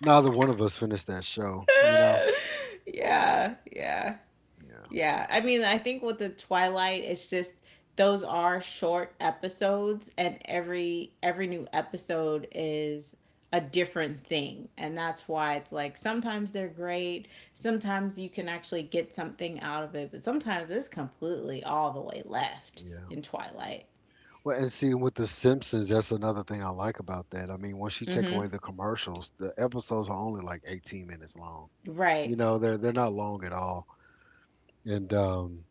Speaker 1: Neither one of us finished that show. You know.
Speaker 2: (laughs) Yeah, yeah,
Speaker 1: Yeah.
Speaker 2: yeah. I mean, I think with the Twilight, it's just those are short episodes, and every new episode is a different thing. And that's why it's like, sometimes they're great, sometimes you can actually get something out of it, but sometimes it's completely all the way left
Speaker 1: Yeah.
Speaker 2: in Twilight.
Speaker 1: Well, and see, with The Simpsons, that's another thing I like about that. I mean, once you take
Speaker 2: Mm-hmm.
Speaker 1: away the commercials, the episodes are only like 18 minutes long.
Speaker 2: Right,
Speaker 1: You know, they're not long at all. And um,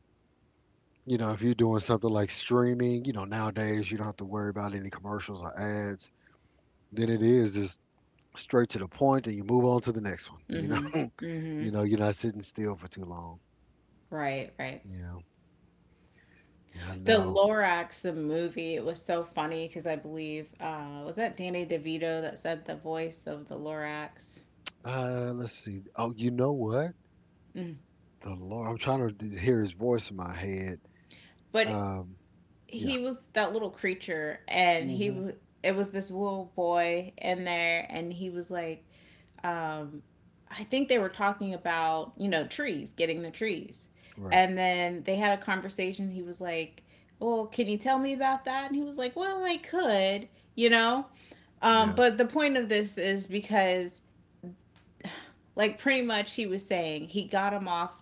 Speaker 1: you know, if you're doing something like streaming, nowadays you don't have to worry about any commercials or ads. Then it is just straight to the point, and you move on to the next one. (laughs) You're not sitting still for too long.
Speaker 2: right, right.
Speaker 1: You know, yeah, I
Speaker 2: The
Speaker 1: know.
Speaker 2: Lorax, the movie, it was so funny because I believe, was that Danny DeVito that said the voice of the Lorax?
Speaker 1: Let's see. Oh, you know what?
Speaker 2: Mm.
Speaker 1: The Lord, I'm trying to hear his voice in my head.
Speaker 2: But
Speaker 1: Um, yeah.
Speaker 2: he was that little creature, and
Speaker 1: Mhm.
Speaker 2: it was this little boy in there, and he was like, um, I think they were talking about, you know, trees, getting the trees,
Speaker 1: Right.
Speaker 2: and then they had a conversation. He was like, "Well, can you tell me about that?" And he was like, "Well, I could." You know.
Speaker 1: Yeah.
Speaker 2: But the point of this is because, like, pretty much he was saying he got him off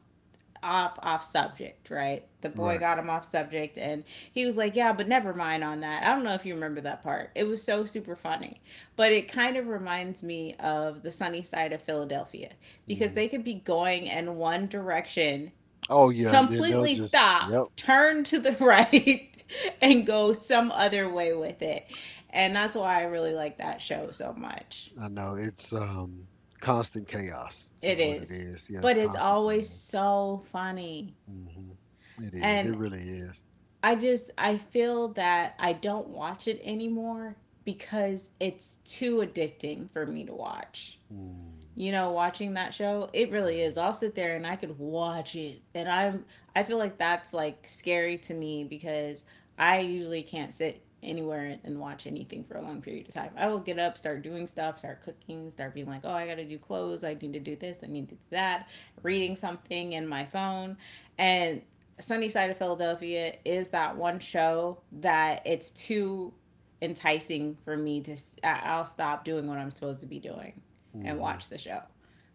Speaker 2: off subject, right? The boy
Speaker 1: Right.
Speaker 2: got him off subject, and he was like, "Yeah, but never mind on that." I don't know if you remember that part. It was so super funny, but it kind of reminds me of The Sunny Side of Philadelphia, because
Speaker 1: Mhm.
Speaker 2: they could be going in one direction,
Speaker 1: Oh yeah, and then they'll
Speaker 2: completely
Speaker 1: just
Speaker 2: stop,
Speaker 1: yep.
Speaker 2: turn to the right, (laughs) and go some other way with it. And that's why I really like that show so much.
Speaker 1: I know it's constant chaos
Speaker 2: It
Speaker 1: is what it
Speaker 2: is.
Speaker 1: is. Yeah, it's
Speaker 2: But it's
Speaker 1: constant
Speaker 2: always
Speaker 1: chaos.
Speaker 2: so funny.
Speaker 1: Mhm. It is. It
Speaker 2: And
Speaker 1: really is.
Speaker 2: I just I feel that I don't watch it anymore because it's too addicting for me to watch.
Speaker 1: Mm.
Speaker 2: You know, watching that show, it really is.
Speaker 1: Mhm.
Speaker 2: I'll sit there and I could watch it, and I'm, I feel like that's like scary to me, because I usually can't sit anywhere and watch anything for a long period of time. I will get up, start doing stuff, start cooking, start being like, oh, I gotta do clothes, I need to do this, I need to do that,
Speaker 1: Mhm.
Speaker 2: reading something in my phone. And Sunny Side of Philadelphia is that one show that it's too enticing for me to I'll stop doing what I'm supposed to be doing and
Speaker 1: Mhm.
Speaker 2: watch the show.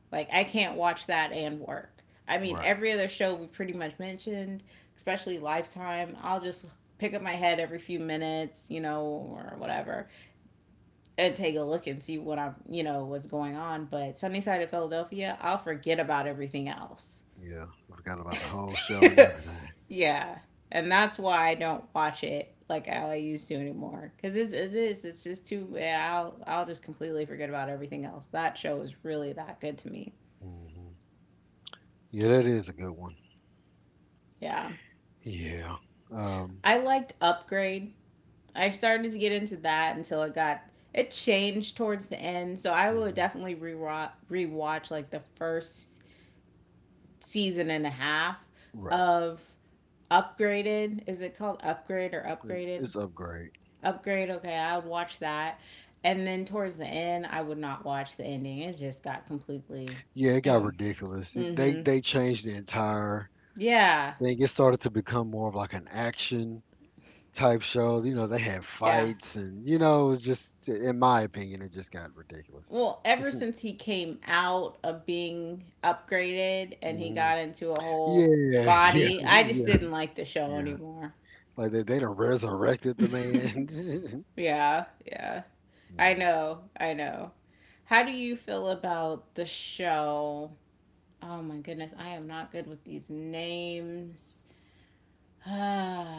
Speaker 2: Like, I can't watch that and work. I mean,
Speaker 1: Right.
Speaker 2: every other show we pretty much mentioned, especially Lifetime, I'll just pick up my head every few minutes, you know, or whatever, and take a look and see what I'm, you know, what's going on. But Sunny Side of Philadelphia, I'll forget about everything else.
Speaker 1: Yeah. I forgot about the whole show and everything.
Speaker 2: (laughs) Yeah, and that's why I don't watch it like I used to anymore, cause it's it is it's just too, yeah. I'll just completely forget about everything else. That show is really that good to me.
Speaker 1: Mhm. Yeah, that is a good one.
Speaker 2: Yeah.
Speaker 1: Yeah. Um.
Speaker 2: I liked Upgrade. I started to get into that until it got, it changed towards the end. So I would
Speaker 1: Mhm.
Speaker 2: definitely rewatch like the first season and a half
Speaker 1: Right.
Speaker 2: of Upgraded. Is it called Upgrade or Upgraded?
Speaker 1: It's Upgrade.
Speaker 2: Upgrade. Okay, I would watch that. And then towards the end, I would not watch the ending. It just got completely.
Speaker 1: Yeah, it
Speaker 2: It
Speaker 1: got
Speaker 2: went.
Speaker 1: ridiculous. It,
Speaker 2: Mm-hmm.
Speaker 1: they changed the entire.
Speaker 2: Yeah.
Speaker 1: Then it started to become more of, like, an action type show. You know, they had
Speaker 2: Yeah.
Speaker 1: fights, and it was just, in my opinion, it just got ridiculous.
Speaker 2: Well, ever since he came out of being upgraded and he
Speaker 1: Hmm.
Speaker 2: got into a
Speaker 1: Yeah, (laughs)
Speaker 2: whole
Speaker 1: yeah,
Speaker 2: body, I just
Speaker 1: yeah,
Speaker 2: didn't like the show
Speaker 1: yeah.
Speaker 2: anymore.
Speaker 1: Like they done resurrected the man.
Speaker 2: Yeah, yeah.
Speaker 1: (laughs)
Speaker 2: I
Speaker 1: Yeah.
Speaker 2: know, I know. How do you feel about the show? Oh my goodness, I am not good with these names. (sighs)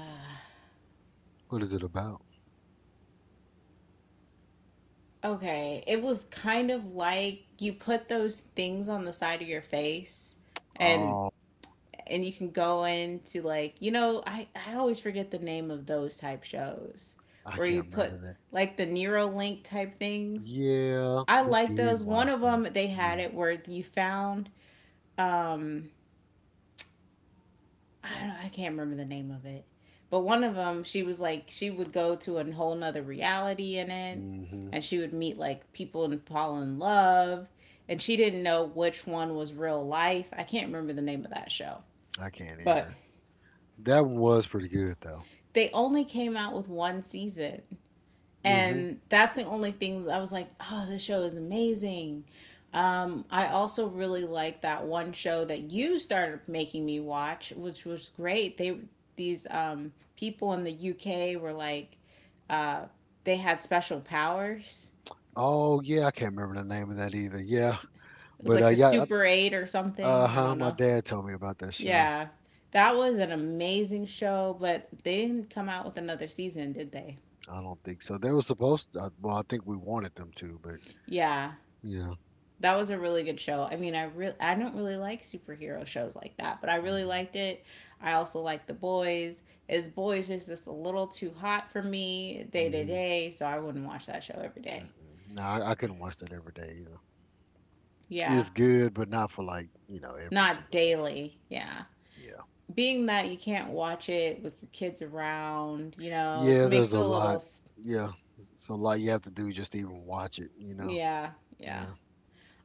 Speaker 1: What is it about?
Speaker 2: Okay, it was kind of like you put those things on the side of your face, and
Speaker 1: Oh,
Speaker 2: and you can go into, like, you know, I always forget the name of those type shows
Speaker 1: I
Speaker 2: where you
Speaker 1: can't
Speaker 2: put
Speaker 1: remember that.
Speaker 2: like the Neuralink type things.
Speaker 1: Yeah,
Speaker 2: I
Speaker 1: we
Speaker 2: like those.
Speaker 1: did
Speaker 2: One
Speaker 1: watch
Speaker 2: of
Speaker 1: that.
Speaker 2: them they
Speaker 1: Yeah.
Speaker 2: had it where you found, um, I don't know, I can't remember the name of it. But one of them, she was like, she would go to a whole nother reality in it,
Speaker 1: Hmm.
Speaker 2: and she would meet like people and fall in love, and she didn't know which one was real life. I can't remember the name of that show.
Speaker 1: I can't
Speaker 2: But
Speaker 1: either. That one was pretty good though.
Speaker 2: they only came out with one season.
Speaker 1: Hmm.
Speaker 2: And that's the only thing. I was like, oh, this show is amazing. I also really like that one show that you started making me watch, which was great. They, these people in the UK were like, uh, they had special powers.
Speaker 1: Oh yeah, I can't remember the name of that either. Yeah,
Speaker 2: It was
Speaker 1: but
Speaker 2: like the
Speaker 1: yeah.
Speaker 2: Super Eight or something. I
Speaker 1: Uh-huh.
Speaker 2: don't
Speaker 1: My
Speaker 2: know.
Speaker 1: dad told me about that show.
Speaker 2: Yeah, that was an amazing show, but they didn't come out with another season, did they?
Speaker 1: I don't think so. They were supposed to, well, I think we wanted them to, but
Speaker 2: Yeah,
Speaker 1: yeah.
Speaker 2: that was a really good show. I mean, I really, I don't really like superhero shows like that, but I really
Speaker 1: Mhm.
Speaker 2: liked it. I also like The Boys. Is Boys is just a little too hot for me day to
Speaker 1: Mhm.
Speaker 2: day, so I wouldn't watch that show every day.
Speaker 1: Mm-mm. No, I couldn't watch that every day either.
Speaker 2: Yeah,
Speaker 1: It's good, but not for like, every
Speaker 2: not
Speaker 1: single day.
Speaker 2: daily. Yeah.
Speaker 1: Yeah.
Speaker 2: Being that you can't watch it with your kids around, you know, it
Speaker 1: Yeah, there's
Speaker 2: makes it
Speaker 1: a
Speaker 2: a little,
Speaker 1: lot. Yeah. It's a lot you have to do just to even watch it.
Speaker 2: yeah, yeah.
Speaker 1: Yeah.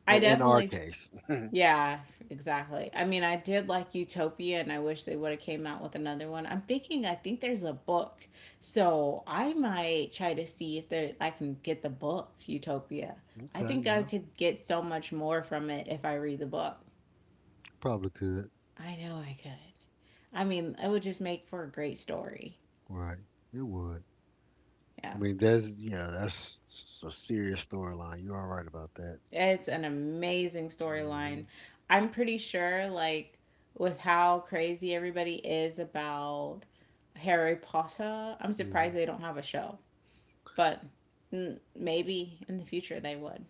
Speaker 2: I
Speaker 1: In our
Speaker 2: definitely,
Speaker 1: case. Mm-hmm.
Speaker 2: yeah, exactly. I mean, I did like Utopia, and I wish they would have came out with another one. I'm thinking, I think there's a book. So I might try to see if there I can get the book Utopia. I
Speaker 1: Okay,
Speaker 2: think I
Speaker 1: yeah.
Speaker 2: could get so much more from it if I read the book.
Speaker 1: Probably could.
Speaker 2: I know I could. I mean, it would just make for a great story.
Speaker 1: Right. It would.
Speaker 2: Yeah.
Speaker 1: I mean, that's a serious storyline. You are right about that.
Speaker 2: It's an amazing
Speaker 1: Hmm.
Speaker 2: storyline. I'm pretty sure, like, with how crazy everybody is about Harry Potter, I'm
Speaker 1: Hmm.
Speaker 2: surprised they don't have a show. But mm, maybe in the future they would.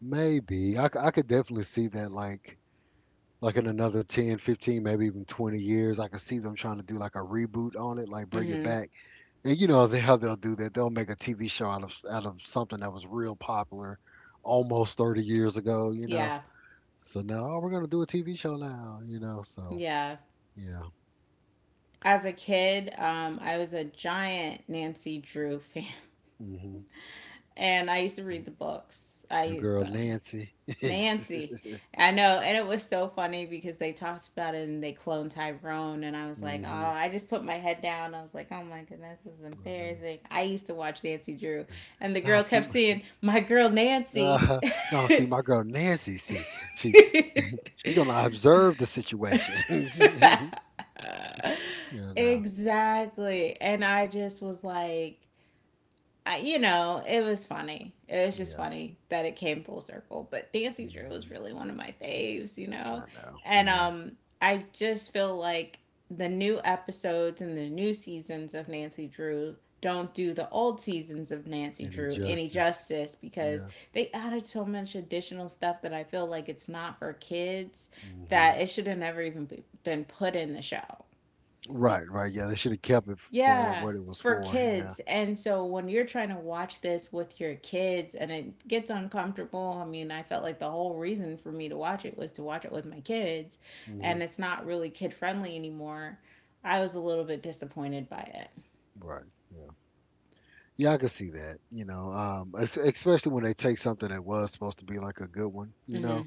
Speaker 1: Maybe. I could definitely see that, like, in another 10, 15, maybe even 20 years. I could see them trying to do, like, a reboot on it, like, bring it
Speaker 2: Hmm.
Speaker 1: back. And you know how they'll do that. They'll make a TV show out of something that was real popular almost 30 years ago.
Speaker 2: Yeah.
Speaker 1: So now, oh, we're going to do a TV show now. So,
Speaker 2: Yeah.
Speaker 1: yeah.
Speaker 2: As a kid, I was a giant Nancy Drew (laughs) fan.
Speaker 1: Hmm.
Speaker 2: And I used to read the books.
Speaker 1: Your
Speaker 2: I,
Speaker 1: girl
Speaker 2: I
Speaker 1: Nancy. (laughs)
Speaker 2: Nancy. I know, and it was so funny because they talked about it and they cloned Tyrone, and I was like, oh,
Speaker 1: Hmm.
Speaker 2: I just put my head down. I was like, oh my goodness, this is embarrassing. I used to watch Nancy Drew, and the
Speaker 1: No,
Speaker 2: girl
Speaker 1: see
Speaker 2: kept
Speaker 1: my
Speaker 2: saying, my girl
Speaker 1: (laughs)
Speaker 2: Nancy.
Speaker 1: uh, no, see my girl Nancy. See, she
Speaker 2: (laughs)
Speaker 1: He's gonna observe the situation. (laughs) You know.
Speaker 2: Exactly. And I just was like, I, you know, it was funny. It was just
Speaker 1: Yeah.
Speaker 2: funny that it came full circle. But Dancing Drew was
Speaker 1: Hmm.
Speaker 2: really one of my faves, you know?
Speaker 1: I know.
Speaker 2: And
Speaker 1: Yeah.
Speaker 2: I just feel like the new episodes and the new seasons of Nancy Drew don't do the old seasons of Nancy
Speaker 1: Any
Speaker 2: Drew any
Speaker 1: justice?
Speaker 2: justice, because
Speaker 1: Yeah.
Speaker 2: they added so much additional stuff that I feel like it's not for kids,
Speaker 1: Hmm.
Speaker 2: that it should have never even been put in the show.
Speaker 1: Right. Right. Yeah. They should have kept it for
Speaker 2: Yeah,
Speaker 1: what it was
Speaker 2: for
Speaker 1: for. Yeah.
Speaker 2: kids. And so when you're trying to watch this with your kids and it gets uncomfortable, I mean, I felt like the whole reason for me to watch it was to watch it with my kids,
Speaker 1: Hmm.
Speaker 2: and it's not really kid friendly anymore. I was a little bit disappointed by
Speaker 1: Right. Yeah. Yeah. I could see that. You know. Especially when they take something that was supposed to be like a good one.
Speaker 2: it.
Speaker 1: You
Speaker 2: Hmm.
Speaker 1: know,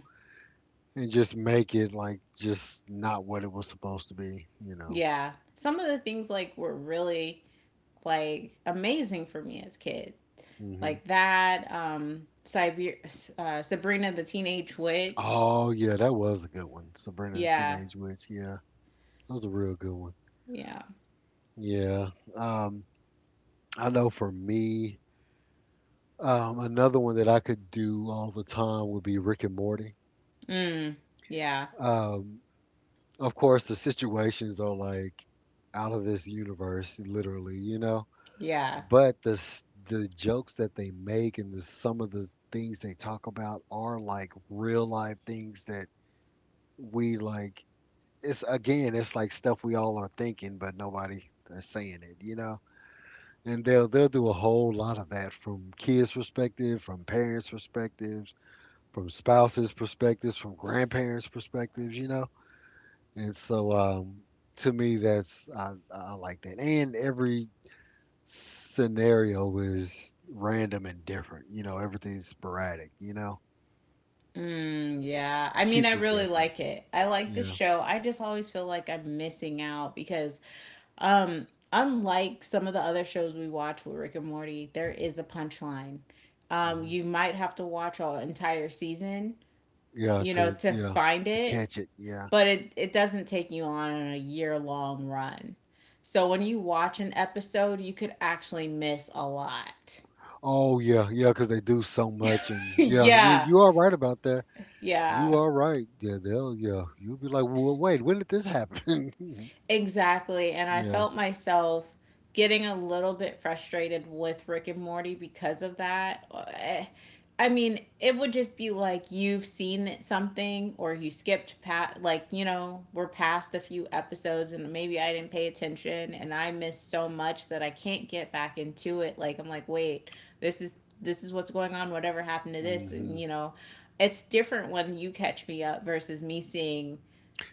Speaker 1: and just make it, like, just not what it was supposed to be. You know.
Speaker 2: Yeah. Some of the things, like, were really like amazing for me as a kid.
Speaker 1: Hmm.
Speaker 2: Like that Sabrina the Teenage Witch.
Speaker 1: Oh yeah, that was a good one. Sabrina the
Speaker 2: Yeah.
Speaker 1: Teenage Witch. Yeah. That was a real good one.
Speaker 2: Yeah.
Speaker 1: Yeah. Um, I know for me, another one that I could do all the time would be Rick and Morty.
Speaker 2: Mm. Yeah.
Speaker 1: Um, of course, the situations are, like, out of this universe, literally.
Speaker 2: Yeah.
Speaker 1: But the jokes that they make, and some of the things they talk about, are like real life things that we like. It's, again, it's like stuff we all are thinking, but nobody is saying it. And they'll do a whole lot of that from kids' perspective, from parents' perspectives, from spouses' perspectives, from grandparents' perspectives. And so, to me, I like that. And every scenario is random and different. Everything's sporadic. You know,
Speaker 2: Mm, yeah. I mean,
Speaker 1: keeps
Speaker 2: I
Speaker 1: you
Speaker 2: really
Speaker 1: guessing.
Speaker 2: like it. I like the
Speaker 1: Yeah.
Speaker 2: show. I just always feel like I'm missing out because, um unlike some of the other shows we watch, with Rick and Morty, there is a punchline.
Speaker 1: Hmm.
Speaker 2: You might have to watch an entire season,
Speaker 1: Yeah.
Speaker 2: you know,
Speaker 1: To
Speaker 2: to
Speaker 1: yeah.
Speaker 2: find
Speaker 1: To
Speaker 2: it,
Speaker 1: catch it. Yeah.
Speaker 2: but it doesn't take you on a year-long run. So when you watch an episode, you could actually miss a lot.
Speaker 1: Oh yeah. Yeah. Because they do so much, and yeah, you
Speaker 2: (laughs) Yeah.
Speaker 1: you are right about that. You
Speaker 2: Yeah.
Speaker 1: are right. Yeah, they'll yeah. You'll be like, well, wait, when did this happen? (laughs)
Speaker 2: Exactly. And I
Speaker 1: Yeah.
Speaker 2: felt myself getting a little bit frustrated with Rick and Morty because of that. Eh, I mean, it would just be like you've seen something or you skipped past, like, you know, we're past a few episodes and maybe I didn't pay attention and I missed so much that I can't get back into it. Like, I'm like, "Wait, this is this is what's going on. Whatever happened to this?"
Speaker 1: Hmm.
Speaker 2: And, you know, it's different when you catch me up versus me seeing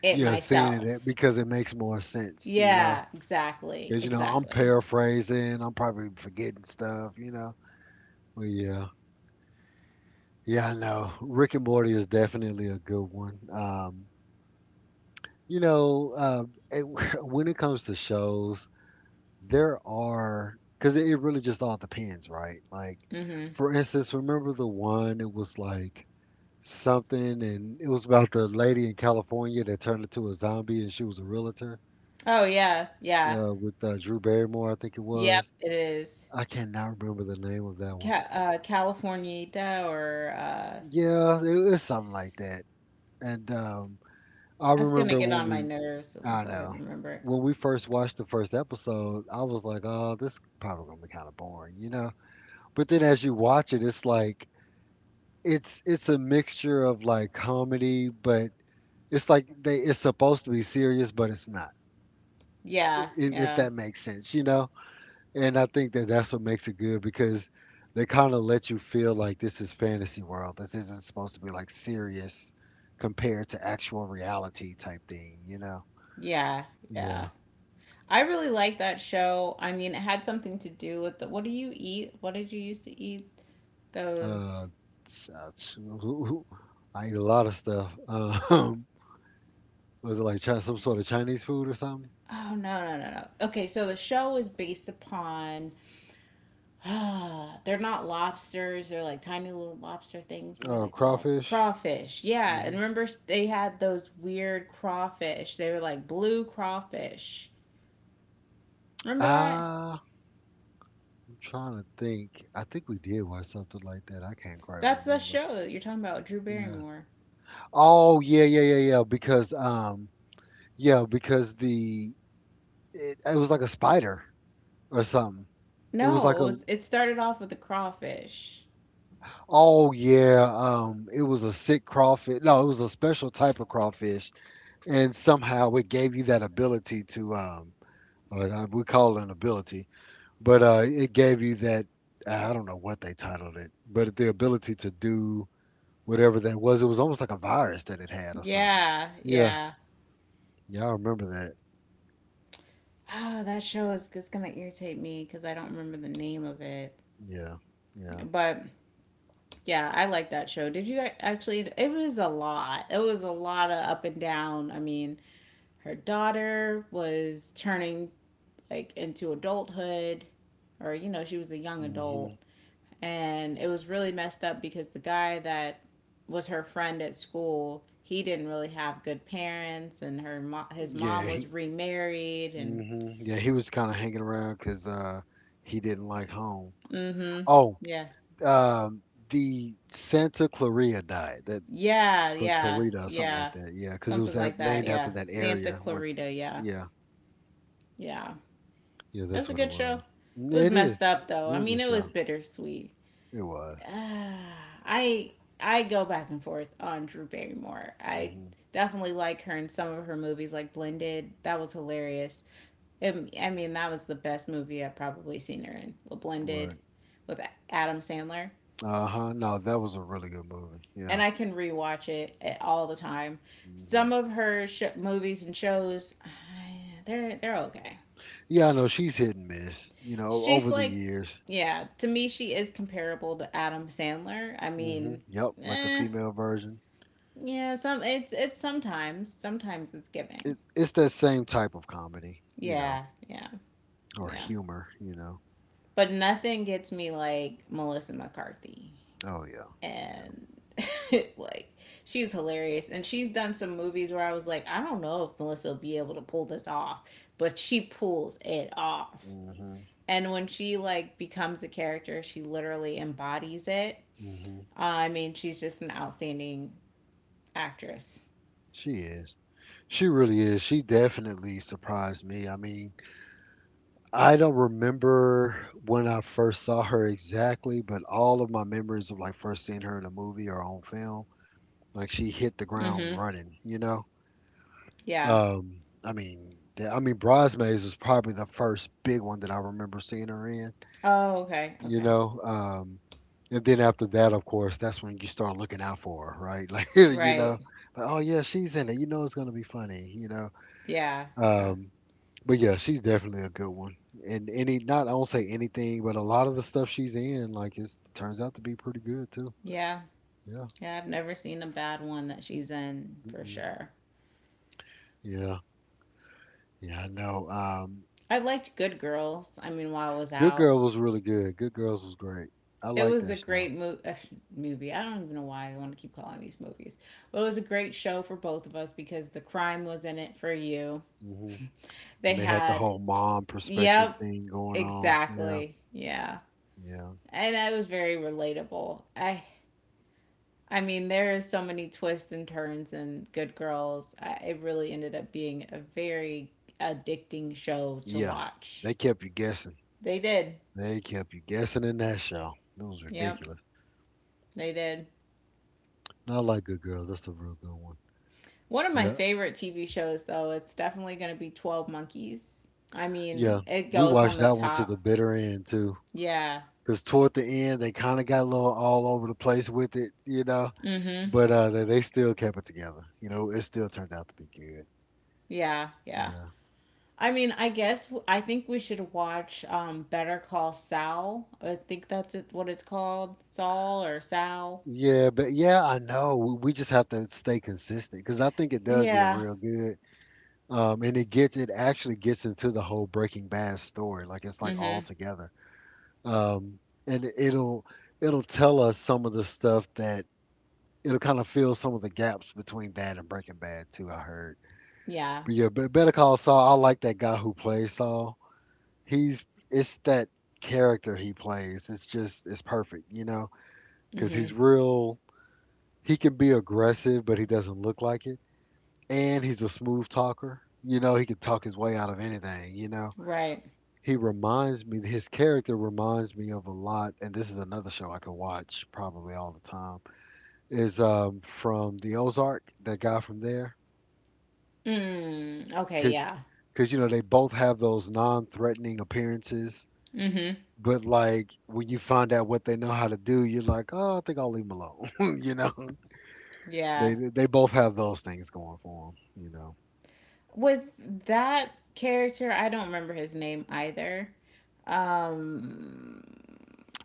Speaker 2: it
Speaker 1: Yeah, seeing it
Speaker 2: myself.
Speaker 1: because it makes more sense.
Speaker 2: Yeah, exactly.
Speaker 1: Because I'm
Speaker 2: Exactly.
Speaker 1: paraphrasing. I'm probably forgetting stuff. But yeah, yeah, I know. Rick and Morty is definitely a good one. You know, uh, it, (laughs) when it comes to shows, there are because it really just all depends, right? Like,
Speaker 2: Hmm.
Speaker 1: for instance, remember the one? It was like something, and it was about the lady in California that turned into a zombie, and she was a realtor,
Speaker 2: Oh yeah, yeah.
Speaker 1: with Drew Barrymore, I think it
Speaker 2: Yep,
Speaker 1: was.
Speaker 2: it is.
Speaker 1: I cannot remember the name of that one.
Speaker 2: Californieta or
Speaker 1: Yeah, it was something like
Speaker 2: s-
Speaker 1: that. And I
Speaker 2: that's gonna
Speaker 1: remember,
Speaker 2: get
Speaker 1: when
Speaker 2: on my
Speaker 1: we,
Speaker 2: nerves
Speaker 1: I don't
Speaker 2: until I
Speaker 1: know,
Speaker 2: remember it.
Speaker 1: when we first watched the first episode, I was like, "Oh, this probably gonna be kind of boring." But then as you watch it, it's like it's a mixture of, like, comedy, but it's like they it's supposed to be serious, but it's not.
Speaker 2: Yeah,
Speaker 1: If
Speaker 2: yeah,
Speaker 1: that makes sense, you know? And I think that's what makes it good because they kind of let you feel like this is fantasy world. This isn't supposed to be like serious compared to actual reality type thing, you know?
Speaker 2: yeah, yeah.
Speaker 1: Yeah.
Speaker 2: I really like that show. I mean, it had something to do with the, what do you eat? What did you used to eat? Those.
Speaker 1: Uh, s- uh, ch- who- who- I eat a lot of stuff. (laughs) Was it like some sort of Chinese food or something?
Speaker 2: Oh, no, no, no, no. Okay, so the show is based upon (sighs) they're not lobsters. They're like tiny little lobster things. What are they called?
Speaker 1: Crawfish?
Speaker 2: Crawfish. Yeah. And
Speaker 1: Hmm.
Speaker 2: remember, they had those weird crawfish. They were like blue crawfish. Remember that?
Speaker 1: Ah, I'm trying to think. I think we did watch something like that. I can't quite
Speaker 2: That's the
Speaker 1: remember.
Speaker 2: show that you're talking about, Drew
Speaker 1: Yeah.
Speaker 2: Barrymore.
Speaker 1: Oh yeah, yeah, yeah, yeah. Because yeah, because it was like a spider or something. It was like
Speaker 2: No, it
Speaker 1: a
Speaker 2: was. It started off with the crawfish.
Speaker 1: oh yeah, it was a sick crawfish. No, it was a special type of crawfish, and somehow it gave you that ability to we call it an ability, but it gave you that I don't know what they titled it, but the ability to do whatever that was. It was almost like a virus that it had or something.
Speaker 2: Yeah,
Speaker 1: Yeah,
Speaker 2: yeah.
Speaker 1: yeah, I remember that.
Speaker 2: Ah, oh, that show is just gonna irritate me because I don't remember the name of it.
Speaker 1: Yeah, yeah.
Speaker 2: But yeah, I like that show. Did you guys actually? It was a lot. It was a lot of up and down. I mean, her daughter was turning like into adulthood or you know she was a young adult
Speaker 1: Hmm.
Speaker 2: and it was really messed up because the guy that was her friend at school he didn't really have good parents and her his
Speaker 1: Yeah,
Speaker 2: mom was
Speaker 1: he,
Speaker 2: remarried and
Speaker 1: hmm, yeah, he was kind of hanging around because he didn't like home.
Speaker 2: mm-hmm
Speaker 1: Oh,
Speaker 2: yeah,
Speaker 1: um, the Santa Clarita diet, that
Speaker 2: yeah, yeah,
Speaker 1: Clarita or something like
Speaker 2: yeah,
Speaker 1: that. Yeah, because it was
Speaker 2: something like that.
Speaker 1: named
Speaker 2: Yeah,
Speaker 1: after that
Speaker 2: Santa
Speaker 1: area where.
Speaker 2: Clarita. Yeah,
Speaker 1: Yeah,
Speaker 2: yeah,
Speaker 1: yeah,
Speaker 2: that's
Speaker 1: that's
Speaker 2: a
Speaker 1: what it
Speaker 2: good show.
Speaker 1: was.
Speaker 2: It
Speaker 1: Yeah,
Speaker 2: was
Speaker 1: it is
Speaker 2: messed up though, I
Speaker 1: real
Speaker 2: mean,
Speaker 1: good
Speaker 2: it
Speaker 1: show.
Speaker 2: was bittersweet.
Speaker 1: It was.
Speaker 2: (sighs) uh, I I go back and forth on Drew Barrymore. I
Speaker 1: Hmm.
Speaker 2: definitely like her in some of her movies, like Blended. That was hilarious. I mean, that was the best movie I've probably seen her in. Well,
Speaker 1: Right.
Speaker 2: Blended with Adam Sandler,
Speaker 1: Uh huh. No, that was a really good movie.
Speaker 2: and
Speaker 1: Yeah.
Speaker 2: I can rewatch it all the time. Some
Speaker 1: Hmm.
Speaker 2: of her movies and shows, (sighs) they're okay.
Speaker 1: Yeah, I know she's hit and miss. You know,
Speaker 2: She's
Speaker 1: over the
Speaker 2: like,
Speaker 1: years.
Speaker 2: yeah, to me, she is comparable to Adam Sandler. I
Speaker 1: Hmm.
Speaker 2: mean,
Speaker 1: Yep, like the
Speaker 2: eh,
Speaker 1: female version.
Speaker 2: yeah, some it's sometimes it's giving.
Speaker 1: It's that same type of comedy, you know,
Speaker 2: Yeah, yeah,
Speaker 1: or
Speaker 2: yeah.
Speaker 1: humor, you know.
Speaker 2: But nothing gets me like Melissa McCarthy
Speaker 1: Oh yeah, yeah.
Speaker 2: and (laughs) like she's hilarious and she's done some movies where I was like I don't know if Melissa will be able to pull this off, but she pulls it off.
Speaker 1: Mhm,
Speaker 2: And when she like becomes a character, she literally embodies it.
Speaker 1: mhm.
Speaker 2: I mean, she's just an outstanding actress.
Speaker 1: She is. She really is. She definitely surprised me. I mean, I don't remember when I first saw her exactly, but all of my memories of like first seeing her in a movie or on film, like she hit the
Speaker 2: Mhm.
Speaker 1: ground running, you know.
Speaker 2: Yeah.
Speaker 1: I mean, I mean, Bridesmaids was probably the first big one that I remember seeing her in.
Speaker 2: Oh, okay.
Speaker 1: You
Speaker 2: Okay.
Speaker 1: know, um, and then after that of course that's when you start looking out for her, right? (laughs) Like, you know,
Speaker 2: Right.
Speaker 1: like, oh yeah, she's in it, you know, it's going to be funny, you know.
Speaker 2: Yeah, yeah,
Speaker 1: um but yeah, she's definitely a good one, and any, not, I won't say anything, but a lot of the stuff she's in, like it turns out to be pretty good too.
Speaker 2: yeah,
Speaker 1: Yeah.
Speaker 2: yeah. I've never seen a bad one that she's in for
Speaker 1: Mm-mm.
Speaker 2: sure.
Speaker 1: Yeah, yeah, I know.
Speaker 2: I liked Good Girls. I mean, while I was
Speaker 1: Good
Speaker 2: out,
Speaker 1: girl was really good, Good Girls was great. I
Speaker 2: it
Speaker 1: like
Speaker 2: was a
Speaker 1: that
Speaker 2: great
Speaker 1: show.
Speaker 2: movie. I don't even know why I want to keep calling these movies, but it was a great show for both of us because the crime was in it for you.
Speaker 1: Hmm.
Speaker 2: They
Speaker 1: And they had the
Speaker 2: had,
Speaker 1: whole mom perspective
Speaker 2: yep,
Speaker 1: thing going on, yeah,
Speaker 2: exactly, yeah,
Speaker 1: yeah.
Speaker 2: and it was very relatable. I mean, there are so many twists and turns in Good Girls. I, it really ended up being a very addicting show to
Speaker 1: Yeah,
Speaker 2: watch.
Speaker 1: they kept you guessing.
Speaker 2: They did.
Speaker 1: They kept you guessing in that show. It was
Speaker 2: Yep,
Speaker 1: ridiculous.
Speaker 2: they did.
Speaker 1: No, I like Good Girls. That's a real good one.
Speaker 2: One of my
Speaker 1: Yeah,
Speaker 2: favorite TV shows, though, it's definitely going to be 12 Monkeys. I
Speaker 1: yeah.
Speaker 2: mean, it
Speaker 1: We
Speaker 2: goes on
Speaker 1: watched
Speaker 2: the
Speaker 1: that one to the
Speaker 2: top.
Speaker 1: bitter end too,
Speaker 2: Yeah.
Speaker 1: because toward the end they kind of got a little all over the place with it, you know.
Speaker 2: Mm hmm.
Speaker 1: But uh, they still kept it together. You know, it still turned out to be good.
Speaker 2: Yeah, yeah.
Speaker 1: Yeah.
Speaker 2: I mean, I guess I think we should watch Better Call Saul. I think that's it, what it's called. Saul or Sal.
Speaker 1: Yeah, but yeah, I know. We just have to stay consistent because I think it does get
Speaker 2: Yeah.
Speaker 1: real good. And it actually gets into the whole Breaking Bad story. Like it's
Speaker 2: Mm
Speaker 1: like all
Speaker 2: hmm.
Speaker 1: together. Um, and it'll tell us some of the stuff that it'll kind of fill some of the gaps between that and Breaking Bad too. I heard,
Speaker 2: Yeah.
Speaker 1: but yeah, but Better Call Saul. I like that guy who plays Saul. He's it's that character he plays. It's just it's perfect, you know, because he's
Speaker 2: hmm
Speaker 1: real. He can be aggressive, but he doesn't look like it, and he's a smooth talker. You know, he can talk his way out of anything. You know,
Speaker 2: Right.
Speaker 1: he reminds me, his character reminds me of a lot, and this is another show I could watch probably all the time, is, from The Ozark, that guy from there,
Speaker 2: Mm. Okay. Yeah.
Speaker 1: because you know, they both have those non-threatening appearances,
Speaker 2: hmm
Speaker 1: but, like, when you find out what they know how to do, you're like, "Oh, I think I'll leave 'em alone," (laughs) you know?
Speaker 2: Yeah.
Speaker 1: They both have those things going for them, you know?
Speaker 2: With that character, I don't remember his name either. Um,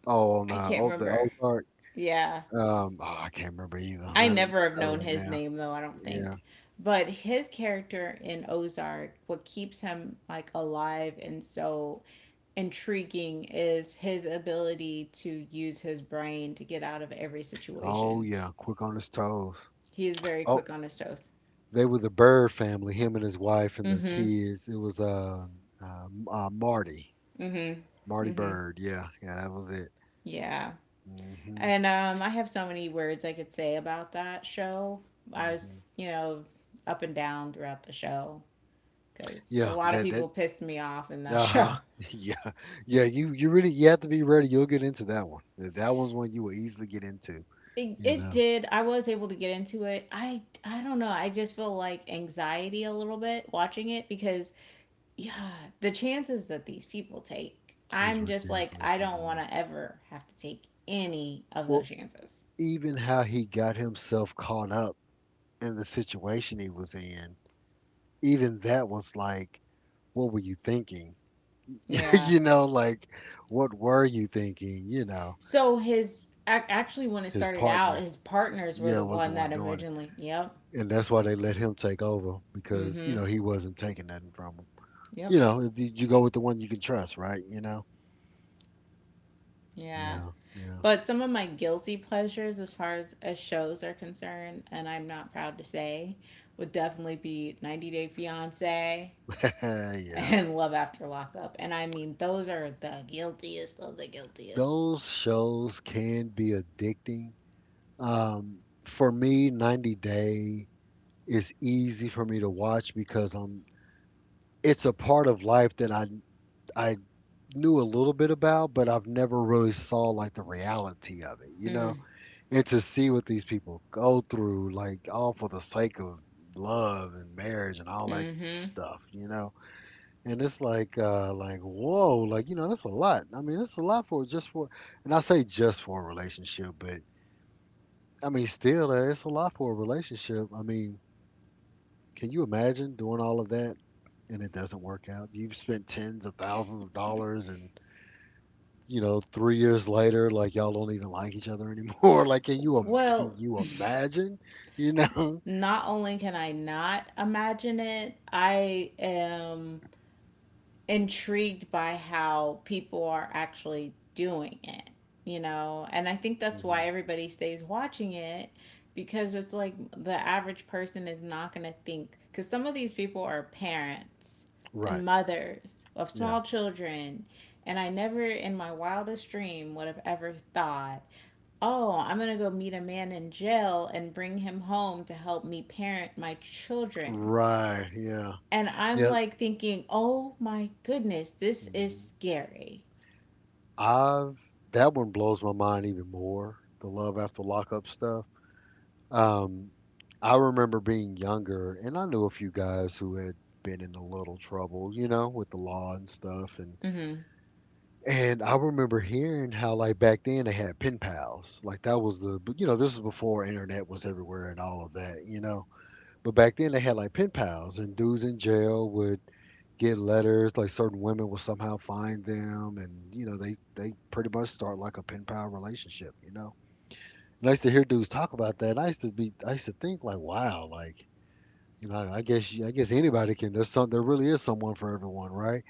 Speaker 1: Oh, on,
Speaker 2: I can't
Speaker 1: oh, The
Speaker 2: remember.
Speaker 1: Ozark,
Speaker 2: Yeah.
Speaker 1: oh, I can't remember either,
Speaker 2: I
Speaker 1: not not
Speaker 2: never have known
Speaker 1: right
Speaker 2: his
Speaker 1: now.
Speaker 2: name though, I don't
Speaker 1: Yeah.
Speaker 2: think. But his character in Ozark, what keeps him like alive and so intriguing is his ability to use his brain to get out of every
Speaker 1: Oh,
Speaker 2: situation.
Speaker 1: yeah, quick on his toes.
Speaker 2: He is very
Speaker 1: Oh,
Speaker 2: quick on his toes.
Speaker 1: they were the Bird family, him and his wife and their
Speaker 2: Mm-hmm.
Speaker 1: kids. It was uh, Marty,
Speaker 2: Mm-hmm.
Speaker 1: Marty Bird. Yeah, yeah, that was it.
Speaker 2: Yeah.
Speaker 1: Hmm.
Speaker 2: And I have so many words I could say about that show. I
Speaker 1: Hmm.
Speaker 2: was, you know, up and down throughout the show because a
Speaker 1: Yeah,
Speaker 2: lot of
Speaker 1: that that.
Speaker 2: people pissed me off in that (laughs)
Speaker 1: Uh
Speaker 2: show.
Speaker 1: huh. (laughs) Yeah, yeah. You really you have to be ready. You'll get into that one. That one you will easily get into.
Speaker 2: It,
Speaker 1: You
Speaker 2: it
Speaker 1: know,
Speaker 2: did. I was able to get into it. I don't know. I just feel like anxiety a little bit watching it because yeah, the chances that these people take.
Speaker 1: it's
Speaker 2: I'm just like
Speaker 1: ridiculous.
Speaker 2: I
Speaker 1: I
Speaker 2: don't want
Speaker 1: know.
Speaker 2: to ever have to take any of
Speaker 1: Well,
Speaker 2: those chances.
Speaker 1: even how he got himself caught up in the situation he was in, even that was like, what were you thinking? (laughs)
Speaker 2: Yeah.
Speaker 1: You know, like, what were you thinking? You know,
Speaker 2: So his actually when it
Speaker 1: his
Speaker 2: started out,
Speaker 1: partner,
Speaker 2: his partners were
Speaker 1: yeah,
Speaker 2: the
Speaker 1: was the
Speaker 2: one that
Speaker 1: one doing
Speaker 2: originally. Yep.
Speaker 1: it. And that's why they let him take over because, you
Speaker 2: Mm-hmm.
Speaker 1: know, he wasn't taking nothing from him.
Speaker 2: Yep.
Speaker 1: You know, you go with the one you can trust, right? You know?
Speaker 2: Yeah.
Speaker 1: Yeah, yeah.
Speaker 2: But some of my guilty pleasures, as far as shows are concerned, and I'm not proud to say, would definitely be 90 Day Fiance
Speaker 1: (laughs) Yeah.
Speaker 2: and (laughs) Love After Lockup. And I mean, those are the guiltiest of the guiltiest.
Speaker 1: Those shows can be addicting. Um, for me, 90 Day is easy for me to watch because it's a part of life that I knew a little bit about, but I've never really saw like the reality of it, you
Speaker 2: Mm.
Speaker 1: know? And to see what these people go through, like all for the sake of love and marriage and all that
Speaker 2: hmm
Speaker 1: stuff, you know? And it's like whoa, like you know, that's a lot. I mean, it's a lot for just for and I say just for a relationship, but I mean still it's a lot for a relationship. I mean, can you imagine doing all of that and it doesn't work out? You've spent tens of thousands of dollars and you know, 3 years later, like, y'all don't even like each other anymore. (laughs) Like, can
Speaker 2: Well,
Speaker 1: you imagine? You know? (laughs)
Speaker 2: not only can I not imagine it, I am intrigued by how people are actually doing it, you know? And I think that's
Speaker 1: Mhm.
Speaker 2: why everybody stays watching it because it's like the average person is not going to think because some of these people are parents and
Speaker 1: Right.
Speaker 2: mothers of
Speaker 1: Yeah.
Speaker 2: small children and I never in my wildest dream would have ever thought, oh, I'm going to go meet a man in jail and bring him home to help me parent my children
Speaker 1: Right. Yeah.
Speaker 2: and I'm
Speaker 1: Yeah.
Speaker 2: like thinking, oh my goodness, this is
Speaker 1: Hmm.
Speaker 2: scary.
Speaker 1: I've That one blows my mind even more. The love after lockup stuff. Um, I remember being younger, and I knew a few guys who had been in a little trouble, you know, with the law and stuff, and
Speaker 2: Mm-hmm.
Speaker 1: And I remember hearing how, like, back then they had pen pals. Like, that was the, you know, this was before internet was everywhere and all of that, you know. But back then they had, like, pen pals, and dudes in jail would get letters, like, certain women would somehow find them, and, you know, they pretty much start, like, a pen pal relationship, you know. And I used to hear dudes talk about that. And I used to think, like, wow, like, you know, I guess, I guess anybody can, there really is someone for everyone, right?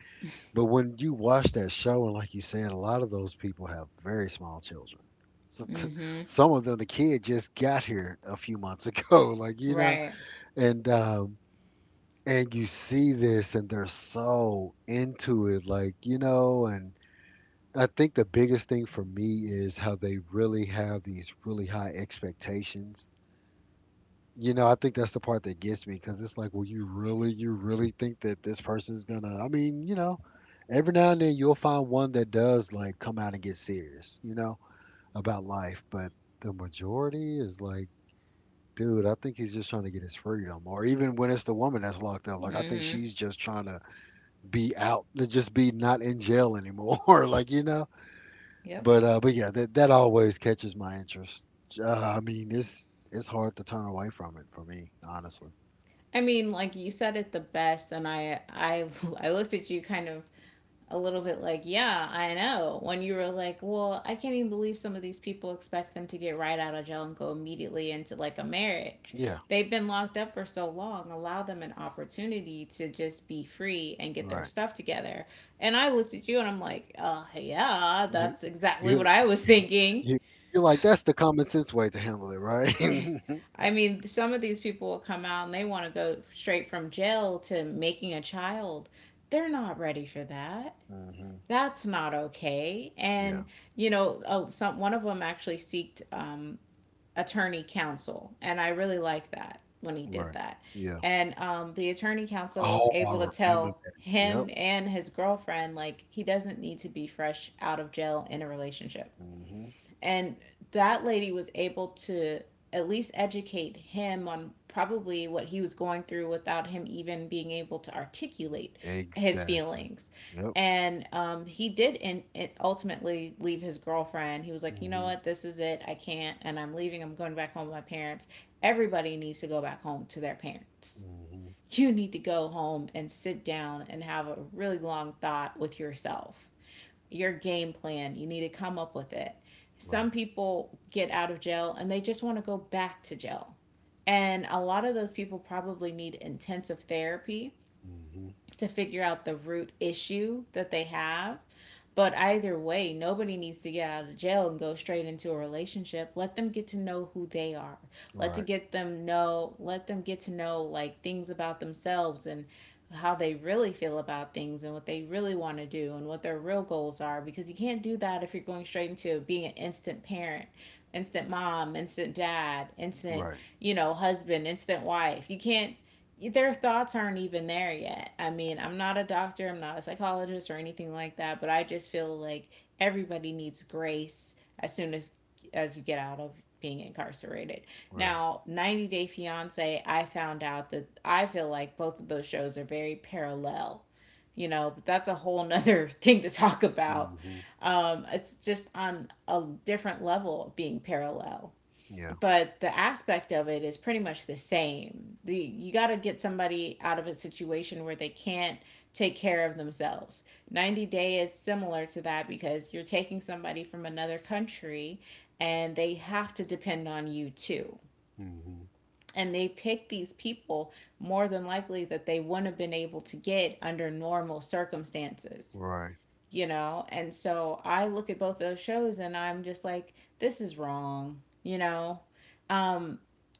Speaker 1: But when you watch that show, and like you said, a lot of those people have very small children. So
Speaker 2: Mm-hmm.
Speaker 1: some of them, the kid just got here a few months ago, (laughs) like you know,
Speaker 2: Right.
Speaker 1: and um, and you see this, and they're so into it, like you know, and I think the biggest thing for me is how they really have these really high expectations, you know, I think that's the part that gets me because it's like, well, you really think that this person's gonna? I mean, you know, every now and then you'll find one that does like come out and get serious, you know, about life. But the majority is like, dude, I think he's just trying to get his freedom. Or even when it's the woman that's locked up, like I think
Speaker 2: Mm-hmm.
Speaker 1: she's just trying to be out, to just be not in jail anymore, (laughs) like you know.
Speaker 2: Yep.
Speaker 1: But yeah, that always catches my interest. Uh, I mean, it's hard to turn away from it for me, honestly.
Speaker 2: I mean, like you said it the best, and I (laughs) I looked at you kind of a little bit like, yeah, I know. When you were like, well, I can't even believe some of these people expect them to get right out of jail and go immediately into like a marriage.
Speaker 1: Yeah.
Speaker 2: They've been locked up for so long. Allow them an opportunity to just be free and get their
Speaker 1: Right.
Speaker 2: stuff together. And I looked at you and I'm like, yeah,
Speaker 1: You,
Speaker 2: that's exactly
Speaker 1: you're
Speaker 2: what
Speaker 1: like,
Speaker 2: I was
Speaker 1: (laughs)
Speaker 2: thinking.
Speaker 1: you, you're like, that's the common sense way to handle it, right? (laughs)
Speaker 2: (laughs)
Speaker 1: Hmm.
Speaker 2: I mean, some of these people will come out and they want to go straight from jail to making a child. They're not ready for that. That's not okay.
Speaker 1: Yeah.
Speaker 2: And you know, some one of them actually seeked attorney counsel, and I really like that when he did
Speaker 1: Right.
Speaker 2: that.
Speaker 1: Yeah.
Speaker 2: And the attorney counsel was
Speaker 1: Oh,
Speaker 2: able to
Speaker 1: I remember
Speaker 2: tell
Speaker 1: that. Yep.
Speaker 2: him and his girlfriend like he doesn't need to be fresh out of jail in a relationship.
Speaker 1: Hmm.
Speaker 2: And that lady was able to at least educate him on probably what he was going through without him even being able to articulate his
Speaker 1: Exactly.
Speaker 2: feelings.
Speaker 1: Yep.
Speaker 2: And he did ultimately leave his girlfriend. He was like, you know
Speaker 1: Hmm.
Speaker 2: what, this is it. I can't, and I'm leaving. I'm going back home to my parents. Everybody needs to go back home to their parents.
Speaker 1: Hmm.
Speaker 2: You need to go home and sit down and have a really long thought with yourself your game plan. You need to come up with it. Some
Speaker 1: Right.
Speaker 2: people get out of jail and they just want to go back to jail. And a lot of those people probably need intensive therapy
Speaker 1: Hmm.
Speaker 2: to figure out the root issue that they have. But either way, nobody needs to get out of jail and go straight into a relationship. Let them get to know who they are. Let to
Speaker 1: Right.
Speaker 2: get them know, let them get to know like things about themselves and how they really feel about things and what they really want to do and what their real goals are because you can't do that if you're going straight into being an instant parent instant mom instant dad instant
Speaker 1: Right.
Speaker 2: you know husband instant wife you can't their thoughts aren't even there yet. I mean, I'm not a doctor, I'm not a psychologist or anything like that, but I just feel like everybody needs grace as soon as you get out of being incarcerated.
Speaker 1: Right.
Speaker 2: Now, 90 Day Fiance, I found out that I feel like both of those shows are very parallel, you know, but that's a whole nother (laughs) thing to talk about.
Speaker 1: Hmm.
Speaker 2: It's just on a different level being parallel
Speaker 1: Yeah.
Speaker 2: but the aspect of it is pretty much the same. The you got to get somebody out of a situation where they can't take care of themselves. 90 day is similar to that because you're taking somebody from another country and they have to depend on you too.
Speaker 1: Hmm.
Speaker 2: And they pick these people more than likely that they wouldn't have been able to get under normal circumstances,
Speaker 1: Right.
Speaker 2: you know? And so I look at both those shows and I'm just like, this is wrong, you know?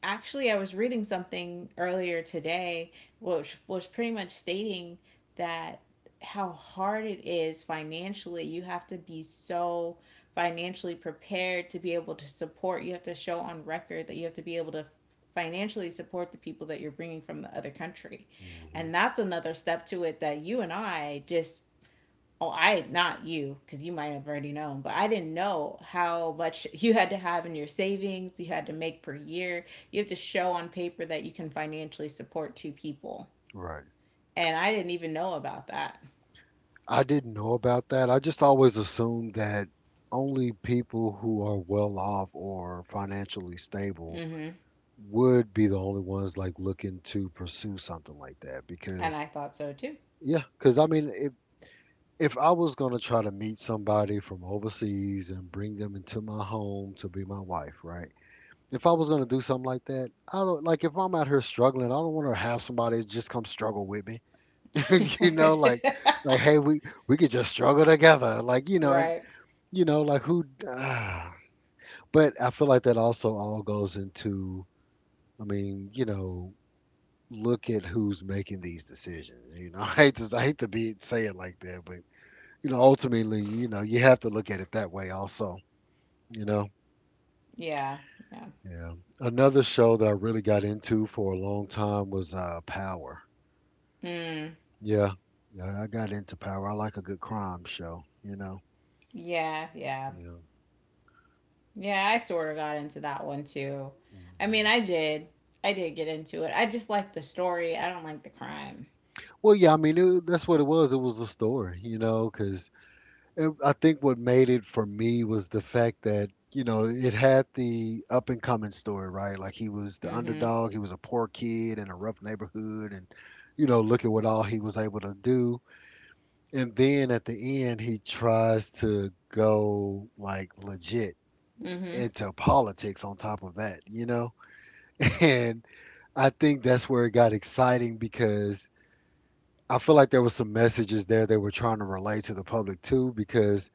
Speaker 2: Actually, I was reading something earlier today, which was pretty much stating that how hard it is financially. You have to be so financially prepared to be able to support. You have to show on record that you have to be able to financially support the people that you're bringing from the other country.
Speaker 1: Hmm.
Speaker 2: And that's another step to it that you and I just oh, I not you because you might have already known, but I didn't know how much (laughs) you had to have in your savings. You had to make per year. You have to show on paper that you can financially support two people,
Speaker 1: Right.
Speaker 2: and I didn't even know about that.
Speaker 1: I didn't know about that. I just always assumed that only people who are well off or financially stable
Speaker 2: Hmm
Speaker 1: would be the only ones like looking to pursue something like that
Speaker 2: And
Speaker 1: because
Speaker 2: I thought so too.
Speaker 1: yeah because I mean if if I was going to try to meet somebody from overseas and bring them into my home to be my wife, right? If I was going to do something like that, I don't like if I'm out here struggling, I don't want to have somebody just come struggle with me. (laughs) You know, like
Speaker 2: (laughs)
Speaker 1: hey, we could just struggle together, like you know. And
Speaker 2: right?
Speaker 1: you know, like who Uh, (sighs) but I feel like that also all goes into, I mean, you know, look at who's making these decisions. You know, (laughs) I hate to be say it like that, but you know, ultimately, you know, you have to look at it that way also. You know,
Speaker 2: Yeah. Yeah.
Speaker 1: yeah. Another show that I really got into for a long time was Power.
Speaker 2: Mm,
Speaker 1: Yeah, yeah, I got into Power. I like a good crime show. You know.
Speaker 2: yeah, yeah.
Speaker 1: Yeah.
Speaker 2: Yeah, I sort of got into that one too. I mean,
Speaker 1: Mhm.
Speaker 2: I did. I did get into it. I just like the story. I don't like the crime.
Speaker 1: Well, yeah, I mean, it, that's what it was. It was a story, you know, 'cause and I think what made it for me was the fact that, you know, it had the up and coming story, right? Like he was the
Speaker 2: Mm-hmm.
Speaker 1: underdog, he was a poor kid in a rough neighborhood, and, you know, look at what all he was able to do. And then at the end, he tries to go like legit
Speaker 2: Mm-hmm.
Speaker 1: into politics on top of that, you know? (laughs) And I think that's where it got exciting because I feel like there were some messages there they were trying to relate to the public too, because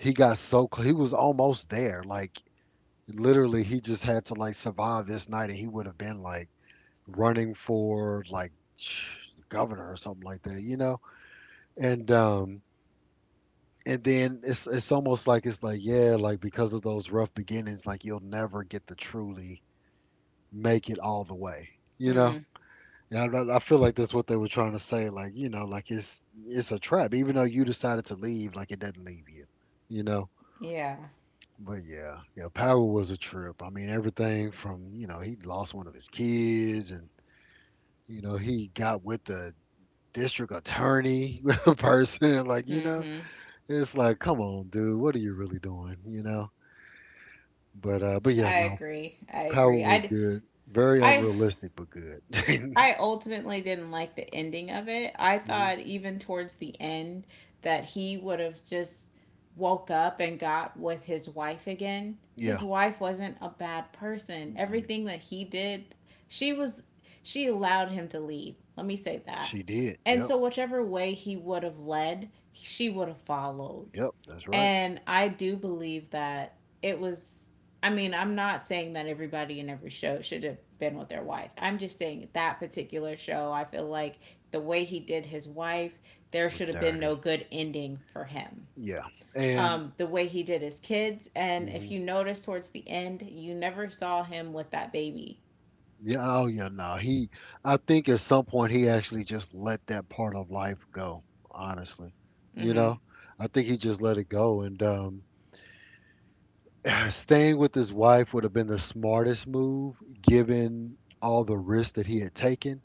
Speaker 1: he got so cl- he was almost there. Like literally, he just had to like survive this night, and he would have been like running for like (sniffs) governor or something like that, you know. And um, and then it's almost like it's like yeah, like because of those rough beginnings, like you'll never get to truly make it all the way, you know.
Speaker 2: Mm,
Speaker 1: Yeah, I feel like that's what they were trying to say, like you know, like it's a trap. Even though you decided to leave, like it doesn't leave you, you know.
Speaker 2: yeah.
Speaker 1: But yeah, yeah, Power was a trip. I mean, everything from, you know, he lost one of his kids and, you know, he got with the district attorney (laughs) person. Like, you know,
Speaker 2: hmm
Speaker 1: it's like, come on, dude, what are you really doing? You know? But but yeah,
Speaker 2: I
Speaker 1: no,
Speaker 2: agree. I
Speaker 1: Power
Speaker 2: agree.
Speaker 1: was good. Very
Speaker 2: I,
Speaker 1: unrealistic, but good. (laughs)
Speaker 2: I ultimately didn't like the ending of it. I
Speaker 1: Mhm.
Speaker 2: thought even towards the end that he would have just woke up and got with his wife again. His
Speaker 1: Yeah.
Speaker 2: wife wasn't a bad person.
Speaker 1: Mm-mm.
Speaker 2: Everything that he did, she was, she allowed him to lead. Let me say that.
Speaker 1: She did.
Speaker 2: And
Speaker 1: Yep.
Speaker 2: so, whichever way he would have led, she would have followed.
Speaker 1: Yep, that's right.
Speaker 2: And I do believe that it was I mean, I'm not saying that everybody in every show should have been with their wife. I'm just saying that particular show, I feel like the way he did his wife, there
Speaker 1: Was
Speaker 2: should have been no
Speaker 1: dirty.
Speaker 2: good ending for him.
Speaker 1: Yeah. And
Speaker 2: The way he did his kids, and if you notice towards the end, you never saw him with that baby.
Speaker 1: yeah, oh yeah, no. He I think at some point he actually just let that part of life go, honestly. You
Speaker 2: Mm-hmm.
Speaker 1: know? I think he just let it go and (sighs) staying with his wife would have been the smartest move given all the risks that he had taken,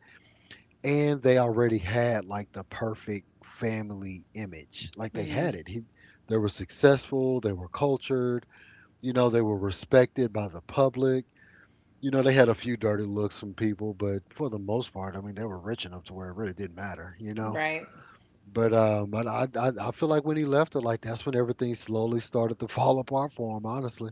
Speaker 1: and they already had like the perfect family image. Like they
Speaker 2: Mm-hmm.
Speaker 1: had it. He they were successful, they were cultured, you know, they were respected by the public, you know, they had a few dirty looks from people, but for the most part, I mean, they were rich enough to where it really didn't matter, you know.
Speaker 2: Right?
Speaker 1: But I feel like when he left her, like that's when everything slowly started to (laughs) fall apart for him, honestly.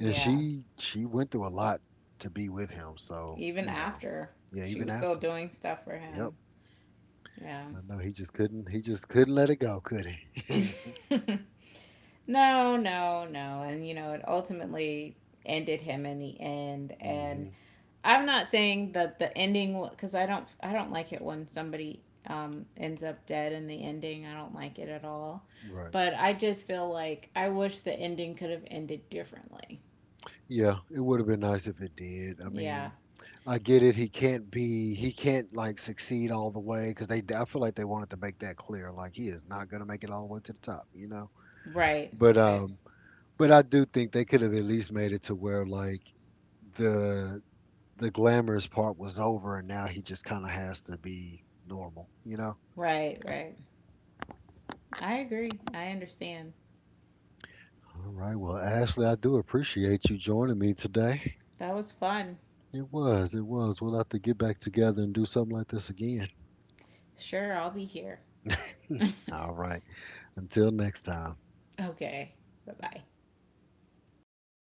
Speaker 1: And
Speaker 2: Yeah.
Speaker 1: she went through a lot to be with him, so
Speaker 2: Even
Speaker 1: you know,
Speaker 2: after,
Speaker 1: yeah,
Speaker 2: she
Speaker 1: even
Speaker 2: was still
Speaker 1: after.
Speaker 2: doing stuff for
Speaker 1: Yep,
Speaker 2: him. Yeah.
Speaker 1: I know he just couldn't let it go, could he?
Speaker 2: (laughs) No, no, no. And, you know, it ultimately ended him in the end.
Speaker 1: (laughs)
Speaker 2: And
Speaker 1: hmm
Speaker 2: I'm not saying that the ending, because I don't like it when somebody ends up dead in the ending. I don't like it at all.
Speaker 1: Right.
Speaker 2: But I just feel like I wish the ending could have ended differently.
Speaker 1: Yeah, it would have been nice if it did. I
Speaker 2: Yeah.
Speaker 1: mean, I get it. He can't be. He can't like succeed all the way because they. I feel like they wanted to make that clear. Like he is not gonna make it all the way to the top. You know.
Speaker 2: Right.
Speaker 1: But
Speaker 2: Right.
Speaker 1: um. But I do think they could have at least made it to where like the the glamorous part was over and now he just kind of has to be normal. You know.
Speaker 2: Right. Right. I agree. I understand.
Speaker 1: All right. Well, Ashley, I do appreciate you joining me today.
Speaker 2: That was fun.
Speaker 1: It was. It was. We'll have to get back together and do something like this again.
Speaker 2: Sure, I'll be here. (laughs)
Speaker 1: All right. Until next time.
Speaker 2: okay. Bye bye.